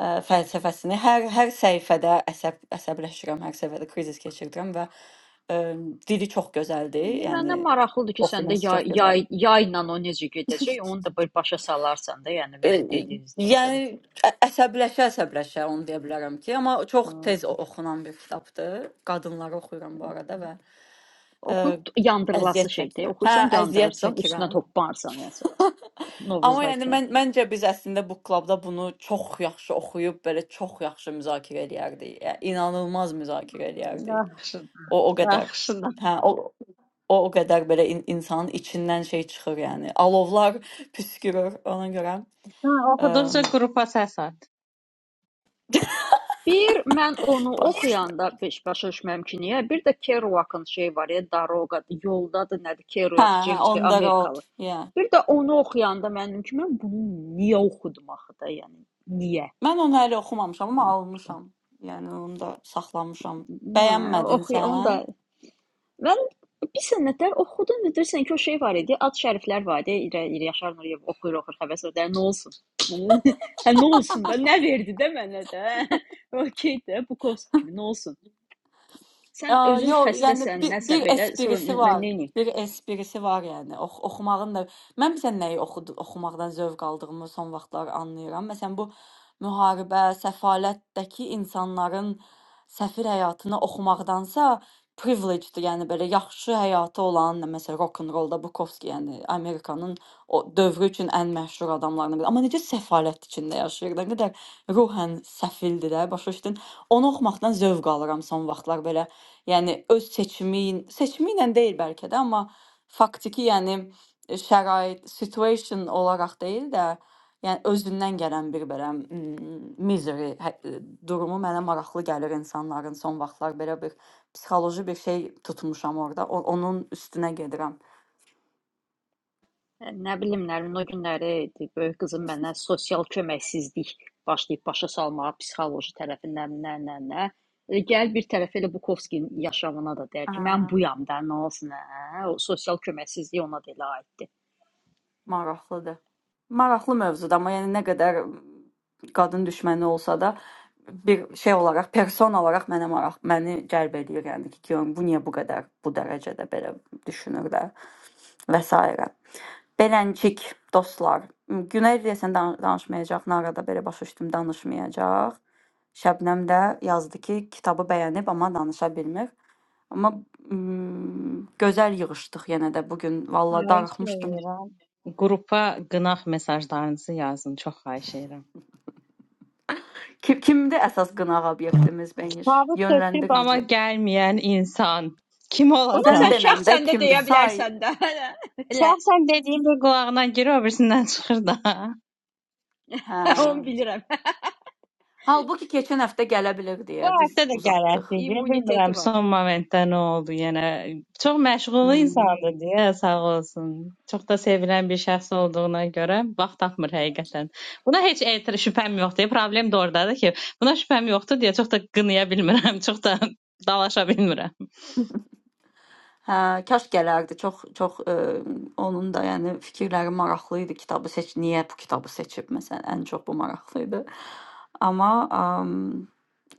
S1: ə, fəlsəfəsini. Hər hər səhifədə əsəb əsəbləşirəm, hər səhifədə krizis keçirdirəm və ə, dili çox gözəldir.
S3: İndi
S1: Yəni
S3: məndən maraqlıdır ki, səndə
S1: oxuması
S3: yay,
S1: çox
S3: yay,
S1: gözəldir.
S3: yayla o necə gedəcək, onu da belə başa salarsan da, yəni
S1: Ə,
S3: belə dediyinizdən sonra.
S1: Yəni ə- əsəbləşə əsəbləşə onu deyə bilərəm ki, amma çox
S3: Hə.
S1: tez o- oxunan bir kitabdır. Qadınları oxuyuram bu arada və ə,
S3: Oxuyub yandırılası
S1: əziyyət
S3: şeydir.
S1: çəkirəm. Hə,
S3: Oxursan,
S1: əziyyət
S3: yandırırsan, üstünə
S1: çəkirəm.
S3: topbarsan yəni sonra. To-
S1: Amma
S3: Novruzda
S1: yəni
S3: kimi.
S1: mən məncə biz əslində bu klubda bunu çox yaxşı oxuyub belə çox yaxşı müzakirə eləyərdik. Yəni inanılmaz müzakirə eləyərdik.
S2: Yaxşı,
S1: O o qədər.
S2: yaxşıdır.
S1: Hə, o o o qədər belə in, insanın içindən şey çıxır yəni. Alovlar püskürür ona görə.
S2: Hə, oxuduqca
S1: Əm,
S2: qrupa səs at.
S3: Bir mən onu
S1: bax.
S3: oxuyanda beş başa düşməm ki, niyə? Bir də Kerouac'ın şey var ya, Daroqadır, yoldadır, nədir?
S1: Hə,
S3: Kerouac,
S1: hə,
S3: James K.
S1: on the
S3: Amerikalı.
S1: road. Yeah.
S3: Bir də onu oxuyanda mənim kimi mən bunu niyə oxudum axı da, yəni niyə?
S1: Mən onu hələ oxumamışam, amma almışam. Yəni onu da saxlamışam.
S3: Nə,
S1: Bəyənmədin
S3: oxuy, onu
S1: sən?
S3: da Mən bir sənədlər oxudum və deyirsən ki, o şey var idi, ad şəriflər var idi, İrə, İrə Yaşar Nuriyev oxuyur, oxuyur, həvəs o nə olsun? hə, nə olsun da, nə verdi də mənə də? Okey də, Bukovski kimi nə olsun? Sən
S1: Aa,
S3: özün
S1: Yo, yəni
S3: xəstəsən,
S1: bir,
S3: nəsə
S1: bir
S3: belə, sonra
S1: esprisi
S3: mən
S1: var.
S3: neyniyim?
S1: Bir esprisi var yəni. Ox oxumağın da mən bizə nəyi oxud oxumaqdan zövq aldığımı son vaxtlar anlayıram. Məsələn, bu müharibə, səfalətdəki insanların səfir həyatını oxumaqdansa privileged, yəni belə yaxşı həyatı olan, məsələn, rock and rollda Bukowski, yəni Amerikanın o dövrü üçün ən məşhur adamlarından biri. Amma necə səfalət içində yaşayır, nə qədər ruhən səfildir də, başa düşdün? Onu oxumaqdan zövq alıram son vaxtlar belə. Yani öz seçimin seçimiyle değil belki de ama faktiki yani e, şərait, situation olaraq deyil də, yəni özündən gələn bir belə mm, misery hə- e, durumu mənə maraqlı gəlir insanların son vaxtlar belə bir psixoloji bir şey tutmuşam orada. O, onun üstünə
S3: Ə, Nə bilim, Nərmin o günləri idi, böyük qızım məndən sosial köməksizlik başlayıb başa salmağa, psixoloji tərəfindən nə, nə, nə. E, Gəl bir tərəf elə Bukovskinin yaşamına da deyər ki, mən
S1: gedirəm.
S3: buyam da, nə olsun, hə? O sosial köməksizlik ona da elə aiddir.
S1: Maraqlıdır. Maraqlı mövzudur, amma yəni nə qədər qadın düşməni olsa da bir şey olaraq, person olaraq mənə maraq məni cəlb eləyir, yəni ki, görüm bu niyə bu qədər bu dərəcədə belə düşünürlər və s. Beləncik dostlar, Günel deyəsən dan- danışmayacaq, Narada belə başa düşdüm danışmayacaq. Şəbnəm də yazdı ki, kitabı bəyənib, amma danışa bilmir. Amma mm, gözəl yığışdıq yenə də bu gün. Valla
S2: Xahiş
S1: darıxmışdım.
S2: edirəm. Qrupa qınaq mesajlarınızı yazın, çox xahiş edirəm.
S1: Kim, kimdir əsas qınaq obyektimiz Bənir?
S2: Kitabı seçib
S1: Yönləndir
S2: amma
S1: bizi.
S2: gəlməyən insan kim
S3: Ona
S1: Sən
S2: olacaq?
S3: sən
S1: denəndə
S3: şəxsən də
S1: kimdir?
S3: deyə
S1: Say.
S3: bilərsən də. Elə
S2: Şəxsən dediyim bir qulağına girir, o birisindən çıxır da.
S1: Hə.
S3: onu bilirəm.
S1: Halbuki keçən həftə gələ bilər
S2: Bu
S1: deyə biz
S2: həftə də
S1: uzatdıq.
S2: gələsi idi. Bilmirəm
S3: İmmuniteti var.
S2: son momentdə nə oldu. Yəni çox məşğul
S1: Hmm.
S2: insandır deyə sağ olsun. Çox da sevilən bir şəxs olduğuna görə vaxt tapmır həqiqətən. Buna heç etir şübhəm yoxdur. Problem də ordadır ki, buna şübhəm yoxdur deyə çox da qınaya bilmirəm, çox da dalaşa bilmirəm.
S1: Hə, kaş gələrdi. Çox çox ə, onun da yəni fikirləri maraqlı idi. Kitabı seç, niyə bu kitabı seçib məsələn? Ən çox bu maraqlı idi. Amma ə,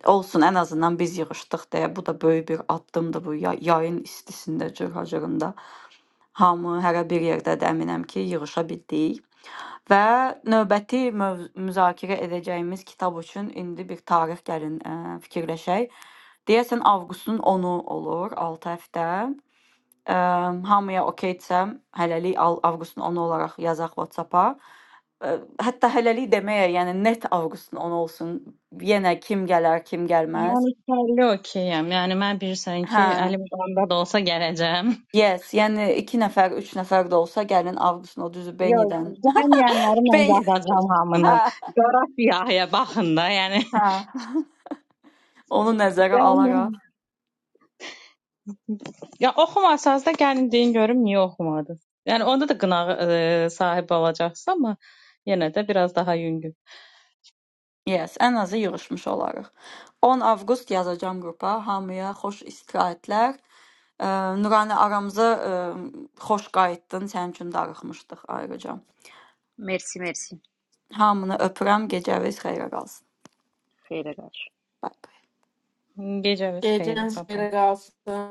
S1: olsun ən azından biz yığışdıq deyə bu da böyük bir addımdır bu ya- yayın istisində, cırhacırında. Hamı hərə bir yerdədir, əminəm ki, yığışa bildik. Və növbəti möv müzakirə edəcəyimiz kitab üçün indi bir tarix gəlin ə, fikirləşək. Deyəsən avqustun 10-u olur, 6 həftə. Ə, hamıya okeydirsə, hələlik al- avqustun 10-u olaraq yazaq WhatsApp-a. Ə, Hətta hələlik deməyə, yəni net avqustun 10 olsun. Yenə kim gələr, kim gəlməz.
S2: Mən ikili okeyəm. Yəni mən bilirsən
S1: Hə.
S2: ki, əlim qolumda da olsa gələcəm.
S1: Yes, yəni 2 nəfər, 3 nəfər də olsa gəlin avqustun o düzü
S2: Yox,
S1: Benidən.
S2: gəlməyənləri mən
S1: Beni.
S2: yazacağam hamını.
S1: Hə.
S2: Coğrafiyaya baxın da, yəni.
S1: Hə. Onu nəzərə
S2: Gəlin.
S1: alaraq
S2: Ya oxumasanız da gəlin deyin görüm niyə oxumadınız. Yəni onda da qınağa e, sahib olacaqsınız, amma yenə də biraz daha yüngül.
S1: Yes, ən azı yığışmış olarıq. 10 avqust yazacam qrupa. Hamıya xoş istirahətlər. Ə, Nurani aramıza ə, xoş qayıtdın. Sənin üçün darıxmışdıq ayrıca.
S3: Mersi, mersi.
S1: Hamını öpürəm. Gecəniz xeyrə qalsın.
S3: Xeyrə qarşı.
S1: Bye bye.
S2: Gecəniz xeyir.
S4: Gecən
S2: Bye bye.
S4: xeyrə qalsın.